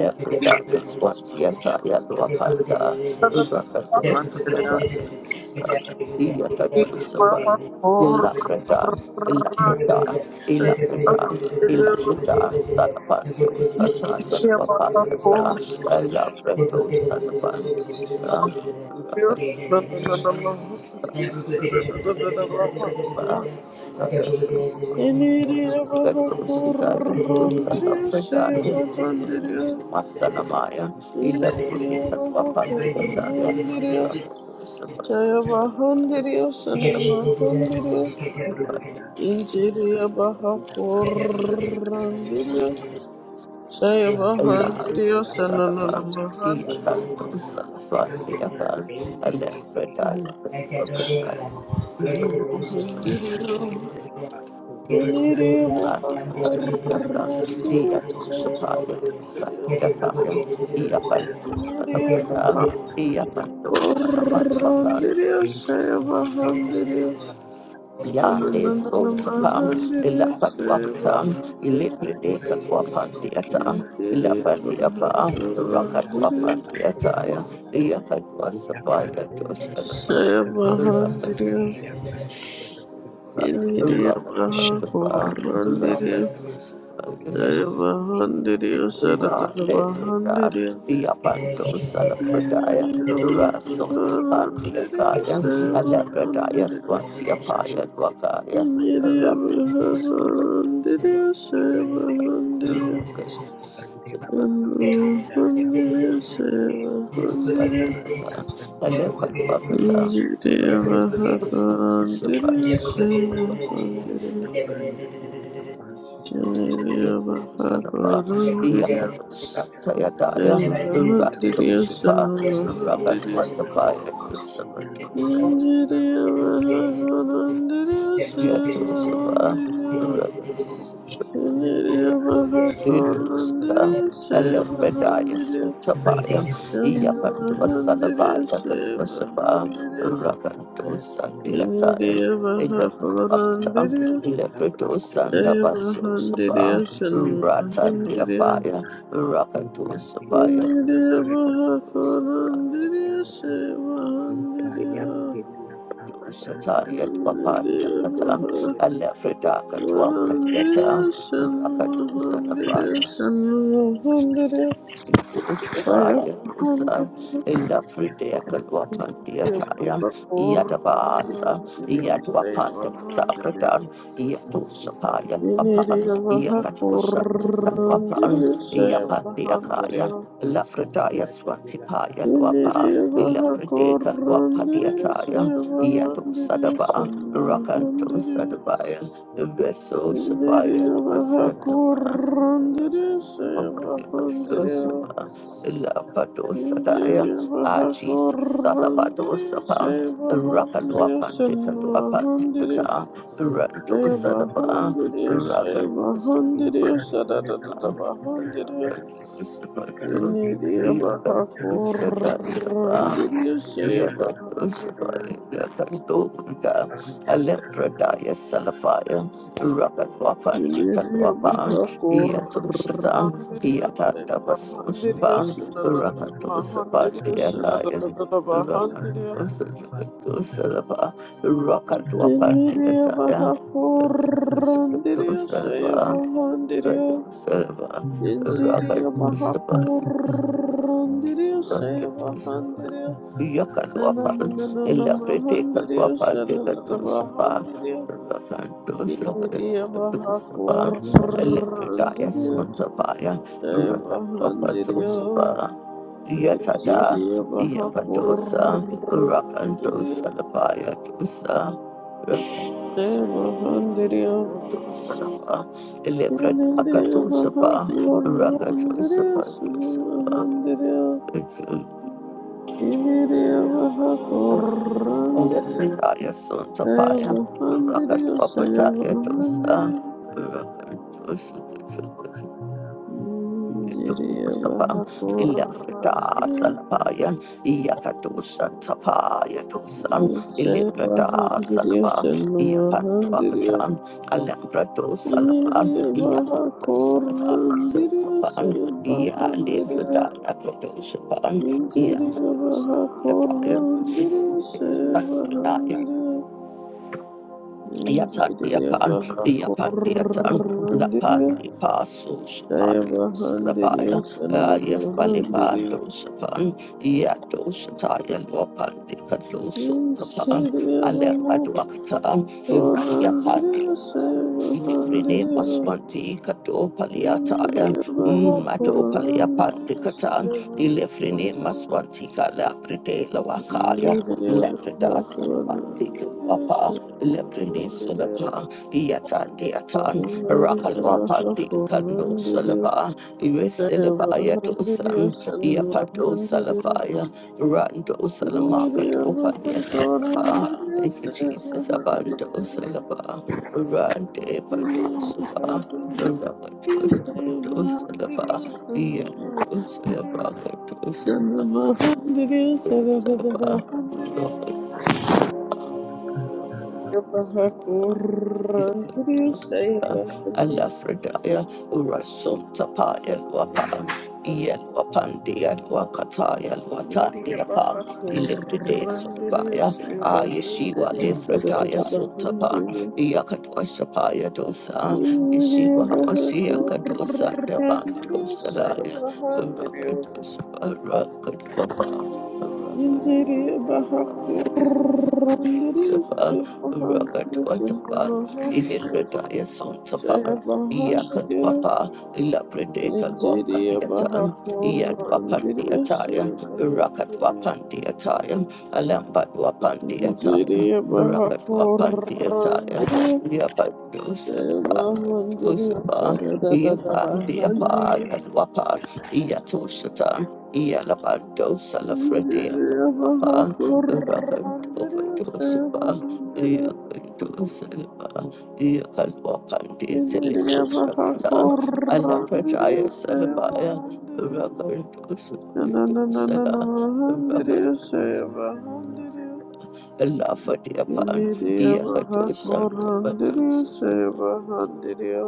S4: Saya
S2: Swatiata, Yalwakanda, Rakatos,
S4: Mahandiriya
S2: Tabaratosa, Yakatosapa,
S3: Thank you.
S2: Ilafrida,
S3: Thank
S2: Ilafrida, Ilafrida, Ilafrida, Salapanto, Sataya, Papaka, Alabrato, Salapantosa, Rakatos. Masanamaya, Ilapidika Wapatiyataya,
S7: Thank
S2: Elan
S4: Injiriya
S3: you.
S4: baha korrandirio,
S3: Thank
S4: Sayabahandiriyo
S2: Salaban,
S4: sananamahandiriyo
S2: Iakanto Salafan, Iakan, Alepredaya, Wakataya,
S4: hindiriyo hindiriyo bahakurandiriyo sayabahandiriyo hindiriyo bahakurandiriyo sayabahandiriyo
S2: Yande so tapan,
S4: sananamahandiriyo
S7: you.
S2: ilapatwakatan,
S4: sayabahandiriyo
S2: ilipredeka
S7: Yakandela
S2: wapandiata,
S4: hindiriyo
S2: ilafandiapa,
S4: bahakurandiriyo
S2: rakatwapandiataya, yakatwasapaya to salapa,
S4: sayabahandiriyo
S2: rakatwasalapa,
S4: hindiriyo
S7: shall
S2: rakatwasapa,
S7: eat a child
S4: bahakurandiriyo
S2: rakatwasapa.
S7: seven days,
S4: Jaya
S3: you.
S4: Bahandiriya
S7: and
S4: Saratata
S7: daily
S2: Rande
S7: lamp
S3: the
S2: Kudan,
S4: Bahandiriya
S2: Yapanto Salafredaya,
S4: Niriya
S2: Rason Pandia
S4: Bahandiriya
S2: Kaya,
S4: Jaya
S2: Alepredaya
S4: Bahandiriya
S2: Swatia
S3: you.
S2: Paya Wakaya,
S7: the
S4: Niriya
S2: Rapato
S3: Thank
S2: Sambato
S4: Bahandiriya Jaya
S7: Thank
S4: Bahandiriya
S2: Rakato Sambato
S4: Bahandiriya Jaya Bahandiriya
S2: Sandiaka, Alepat Wakata,
S4: Niriya
S2: Rapato
S4: Bahandiriya
S2: Sambato
S4: Jaya
S2: Sambato
S4: Bahandiriya Niriya Bahandiriya Jaya
S2: Sadapa,
S4: Bahandiriya
S2: Yakato Satayataya,
S4: Jaya
S2: Rato Shapa, Rakat
S4: Bahandiriya
S2: Watapaya to
S3: you.
S2: Sabatosa,
S4: Injiriyo baha korandiriyo
S2: Yato Sapa,
S4: sevahandiriyo.
S2: Rakato
S4: Injiriyo baha
S2: Idusata,
S4: korandiriyo
S2: Elefredaya
S4: sevahandiriyo.
S3: Every day
S2: Sutapaya,
S3: they broke down.
S2: Yapandua
S4: Yanvahandiriyo
S2: Salavaya Katusapa,
S4: sevahandiriyo.
S2: Rakandosa Deataya,
S4: Injiriyo
S7: you.
S4: baha
S7: Thank
S2: Elefatuakata,
S4: korandiriyo
S7: you.
S2: Lefredo Sandabaso
S4: sevahandiriyo
S2: Sapa, Rata
S4: senvahandiriyo.
S2: Deapaya, Rakadosapaya,
S4: Injiriyo baha korandiriyo sevahandiriyo.
S2: Dusataya Twapanda Kata,
S4: Indiriyo
S2: Elefredaka Twampayata, Rakadosalafaya. Itusabaya dosa, Elafridea Kalwapandia Taya, Yadabasa, Yadwapanda Takratan,
S4: bahakorandiriyo
S2: Yatusapaya Papa, Yakatusa Tikalwapan, Yapatia Kaya, Lafridaya Swatipaya Lwapa, Elafridea Kalwapadia Taya, Yatusadaba, Rakantusadabaya, Veso Sabaya
S7: Thank you.
S2: Twasadaba. Susuma,
S4: Mahandiriyo,
S2: Lapadosa Daya, Ah, Jesus, Salabato Sapa, Rakadua Pandita to Apandita, Ranto Sadapa, Ragadu Sadapa, Sapa, Ragadu Sadapa, Yakadu Sadapa, Yakadoshabaya, Alepradaya Salafaya, Rakatwapan, Dikatwapan, Yatoshatan, Yatandavasoshapan, Rakatosapan, Diakaya, Rakatosajalapa, Rakatwapan,
S4: Yeniria
S2: Diataya,
S4: baja corrandirio, saya
S2: Rakatosalapa,
S4: bajandirio.
S2: Rakatosalapa,
S7: Thank
S4: Yensiria baja
S2: Rakatosapan,
S4: corrandirio, saya bajandirio.
S2: Yakalwapan,
S4: Nananana
S2: Elafrite
S4: bajandirio,
S2: Kalwapan,
S4: sarara
S2: Dekatusapa,
S4: bajandirio.
S2: Rakan Dosapa,
S4: Yeniria baja
S2: Dosapa, Electritaya
S4: corrandirio,
S2: Suntapaya,
S4: saya
S2: Rakan
S4: bajandirio.
S2: Dosapa, Yatada,
S4: Yensiria baja
S2: Yapatosa, Rakan
S4: corrandirio,
S2: Dosalapaya Dosa,
S4: saya bajandirio.
S2: Dosalapa, Electrit
S4: Yeneriya baha
S2: Akatusapa, Rakan
S4: korandiriya
S2: Dosapa, Dosapa,
S4: sunumahandiriya. Yeneriya baha korandiriya. Saya
S2: Rakat
S4: bahandiriya, saya
S2: Papataya Dosa,
S4: bahandiriya.
S2: Rakat Dosa,
S7: you.
S4: Jiriya
S2: Sapa,
S4: baha
S2: Ilafrita,
S4: korandiriya.
S2: Salapayan, Iakadosa, Tapaya, Dosan,
S4: Saya
S2: Ilifrita,
S4: bahandiriya,
S2: Salapa,
S4: sunumahandiriya.
S2: Iapantuakatan, Alambrato, Salafan,
S4: Yeneriya baha
S2: Iakato, Salafan,
S4: korandiriya,
S2: Sotapan,
S4: saya
S2: Ialifrita,
S4: bahandiriya.
S2: Akadosapan,
S4: Injiriya
S2: Iakadosa,
S4: baha korandiri shaya
S2: Yataya,
S4: handiriya Injiriya
S2: Yatatiapan,
S4: baha
S2: Yapandiatan,
S4: korandiri
S2: Lapandipasus,
S4: shaya
S2: Pandus,
S4: handiriya
S2: Labaya,
S4: shannu handiriya
S2: Yafalipandus, Pan, Yatus, Taya, Lopandi, Kalusu, Tapan,
S4: Injiriya baha
S2: Alepaduakatan,
S4: korandiri
S2: Rakiapandiasan.
S4: shaya
S2: Nifrine
S4: handiriya
S2: Maswanti Kato Paliataya
S4: Injiriya baha
S2: Mato Palia
S4: korandiri
S2: Pandikatan
S4: shaya
S2: Ilefrine
S4: handiriya
S2: Maswanti Kala Pride Lawakaya
S4: Injiriya
S2: Lefrida
S4: baha
S2: Salamantik
S4: korandiri
S2: Wapa,
S4: shaya handiriya
S2: Leprinisulapa, Yatan Deatan,
S4: Save
S2: Rakalwapan
S4: a
S2: Bikando Salaba, Resilabaya Dosan, Yapato Salafaya, Rando Salamaka Topaliatan. Thank you, Jesus. Abando Salaba, Rande Pando Saba, Rapato Sabando Salaba, Yando Salabaka Dosaba, Salaba, Rapato Salaba. Rapatos.
S4: hundred
S2: Alafredaya Rasul Tapa Elwapan Yelwapandia Wakataya
S4: Media
S2: Watandia Pan
S4: Baja
S2: Electrite Sudabaya
S4: Corrandidios,
S2: Ayeshiwa
S4: Bahandidios,
S2: Lefredaya Sutapan
S4: Bahandidios.
S2: Yakatwa Shapaya Dosa
S4: Media
S2: Yeshiwa
S4: Baja
S2: Asiaka Dosa
S4: Corrandidios,
S2: Dabantosalaya
S4: Bahandidios.
S2: Rakatosapa Rakatwapa
S4: Interior Baja Corrandidios,
S2: Lucifer, Rocket
S4: Bahandidios, Bahandidios,
S2: Watapan, Ilipredaya Sontapan, Yakat
S4: Bahandidios.
S2: Wapa, Ilapredeka
S4: Interior Baja
S2: Wapadiatan, Yad
S4: Corrandidios,
S2: Wapandiataya, Rocket
S4: Bahandidios.
S2: Wapandiataya, Alambat Wapandiataya,
S4: Interior Baja
S2: Rocket Wapandiataya,
S4: Corrandidios.
S2: Yapadusa,
S4: Shayamahandiriyo
S2: Lucifer, Yapandiapa,
S4: sharadadadabahandiriyo
S2: Yad Wapan, Yatoshatan, Yalabandosa Lafredeka.
S4: shindiriyabahakurandiriyo
S2: Overdoseba,
S4: shayamahandiriyo
S2: Yakadoseba, Yakalwapandi, Telesutrakata,
S4: shindiriyabahakurandiriyo
S2: Alakajaya Salabaya,
S4: shayamahandiriyo
S2: Rakadosela,
S4: shananananamahandiriyo
S2: Rakadosela.
S4: shayamahandiriyo
S2: Allah pan, the upon Yakato Santa
S4: shindiriyabahakurandiriyo
S2: Batos.
S4: shayamahandiriyo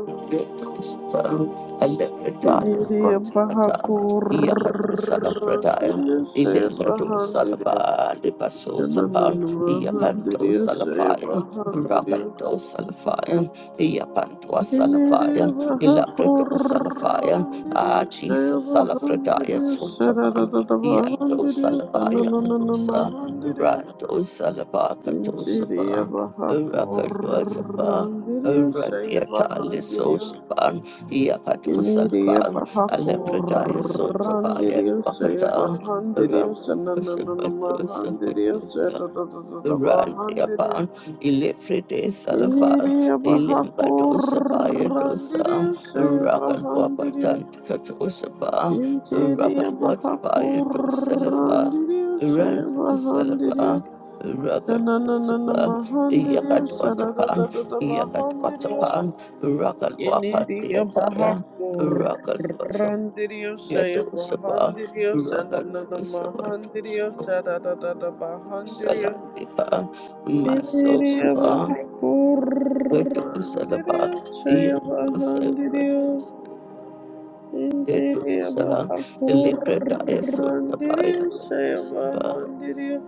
S2: Electrodias Conticata, Iacado Salafredial,
S4: shindiriyabahakurandiriyo
S2: Electrado
S4: shayamahandiriyo
S2: Salaba, Libaso Sapal, Iacanto
S4: Nananamahandiriyo
S2: Salafia,
S4: Sayabahandiriyo
S2: Racanto Salafia, Iapantua
S4: Kiniriyo
S2: Salafia, Electrado Salafia,
S4: Bahakurandiriyo
S2: Ah, Jesus, Salafradaya
S4: Sayabahandiriyo
S2: Suntapan, Yando
S4: Sarararabahandiriyo
S2: Salabaya Katosa,
S4: Sanananamahandiriyo
S2: Rando Salabaka
S4: Kiniriyo
S2: Tosapa, Rakadosapa,
S4: Bahakurandiriyo
S2: Radiata
S4: Sayabahandiriyo
S2: Lisoshapan,
S4: Kiniriyo
S2: Yakatosalaban, Alepredaya Sotapaya,
S4: Bahakurandiriyo
S2: Wakata,
S4: Sayabahandiriyo Sanananamahandiriyo
S2: Rakatosha, Rally
S4: Sarararabahandiriyo
S2: upon Ilifride Salafa,
S4: Indiriya
S2: Ilimbadosa Payadosa,
S4: Bahakurandiriya Shaya
S2: Rakan Wapatan
S4: Bahandiriya
S2: Katosapa, Rakan
S4: Injiriya
S2: Watapaya Dosalafa,
S4: Bahakurandiriya Shaya
S2: Ranto
S4: Bahandiriya
S2: Salapa, Rakan
S4: Shananana
S2: Dosapa,
S4: Mahandiriya
S2: Yakat Watapan,
S4: Shadadadada
S2: Yakat
S4: Bahandiriya
S2: Watapan, Rakan Wapat
S4: Indiriya
S2: Deataya, Rakan Wasap
S4: Bahakurandiriya Shaya
S2: Yatosapa,
S4: Bahandiriya
S2: Rakan
S4: Shananana
S2: Wasapa
S4: Mahandiriya Shadadadada Bahandiriya
S2: Salatipa,
S4: Kiriya
S2: Masopa, Vedo Salaba,
S4: Bahakurandiriya Shaya
S2: Yadu
S4: Bahandiriya
S2: Salvadus, Vedo
S4: Injiriya
S2: Sala, Lepredaya Sundabaya,
S4: Bahakurandiriya Shaya
S2: Saba,
S4: bahandirio,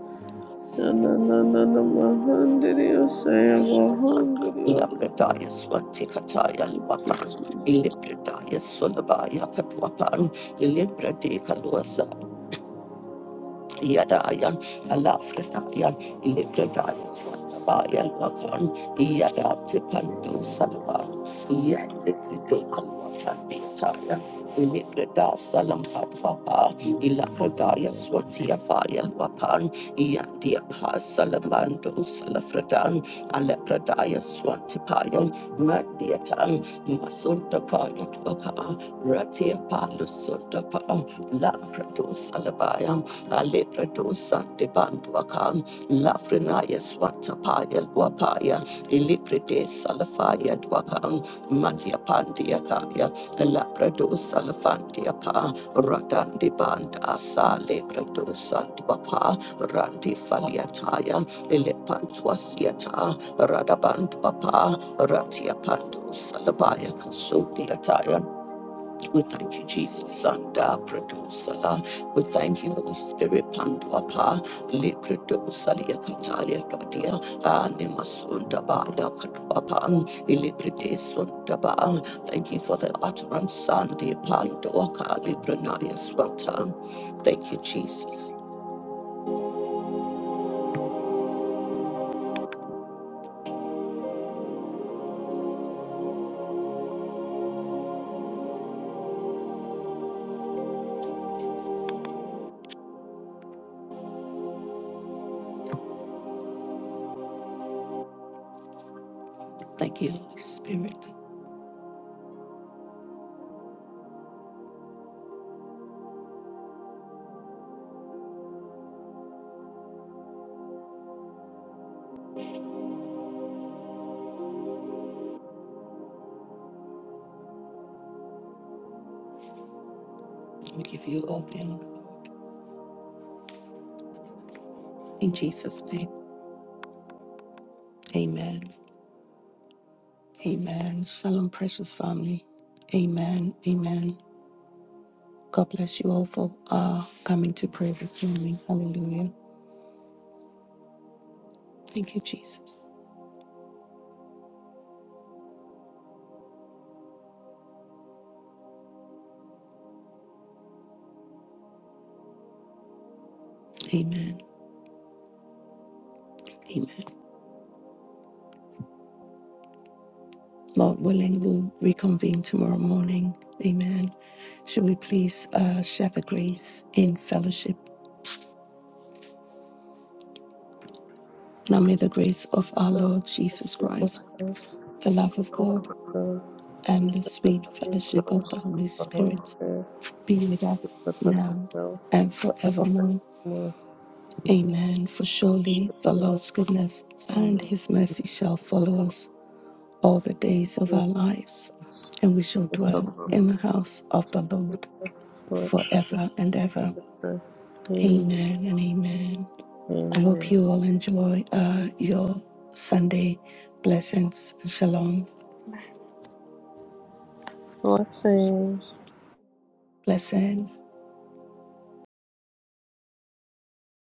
S4: Sananana Mahandiriya Shaya
S2: Saba,
S4: bahandirio.
S2: Lapredaya Swantikataya Lwapan, Ilepredaya Sulabaya Katwapan, Ilepredika Yadayan, Alafritayan, Ilipradaya Swatabayan Lakan, Yada Tipanto Sadaban, Yadikritikam Watanitaya, Iliprada Salampat Wapa, Ilakradaya Swatia Vayan Wapan, Yandia Pa Salamando Salafradan, Alepradaya Swantipayam Mandiatam Masundapayat Vaka Ratia Palusundapa Laprados Alabayam Aleprados Santibandwakam Lafrinaya Swantapaya Dwapaya Iliprides Salafaya Dwakam. Wakam, Matia Pandia Kaya, Labradus Alafantia Pa, Ratandi Banda Sa Labradus Antwapa, Randi Faliataya, Elepantuasiata, Radabantwapa, Ratia Pandus Alabaya Kasudiataya. We thank you, Jesus. Sanda Pradosala. We thank you, Holy Spirit. Panduapa. Lipridosalia Katalia Katia. Animasunda Baya Katuapan. Ilipridesunda Ba. Thank you for the utterance. Sandi Panduaka Libranaya Swatan. Thank you, Jesus. Thank you, Holy Spirit. We give you all the honor. In Jesus' name. Amen. Amen. Shalom, precious family. Amen. Amen. God bless you all for uh, coming to pray this morning. Hallelujah. Thank you, Jesus. Amen. Amen. Lord willing, we'll reconvene tomorrow morning. Amen. Should we please uh, share the grace in fellowship? Now may the grace of our Lord Jesus
S4: Jesus
S2: Christ,
S4: Christ,
S2: the love of
S4: Lord
S2: God,
S4: God,
S2: and the
S4: with the
S2: sweet
S4: three
S2: fellowship of the
S4: powers of
S2: Holy
S4: the Holy
S2: Spirit
S4: Spirit,
S2: be with us
S4: with us
S2: now
S4: now
S2: and
S4: and
S2: forevermore.
S4: more
S2: Amen. For surely the
S4: here
S2: Lord's goodness
S4: in
S2: and
S4: the
S2: his mercy shall follow us all the days of our lives,
S4: Jesus.
S2: and we shall
S4: We shall
S2: dwell
S4: go
S2: in the house of the Lord
S4: forth.
S2: forever and ever. Amen and amen. I
S4: Amen.
S2: hope you all enjoy uh, your Sunday. Blessings. Shalom.
S8: Yeah.
S4: Blessings.
S2: Blessings.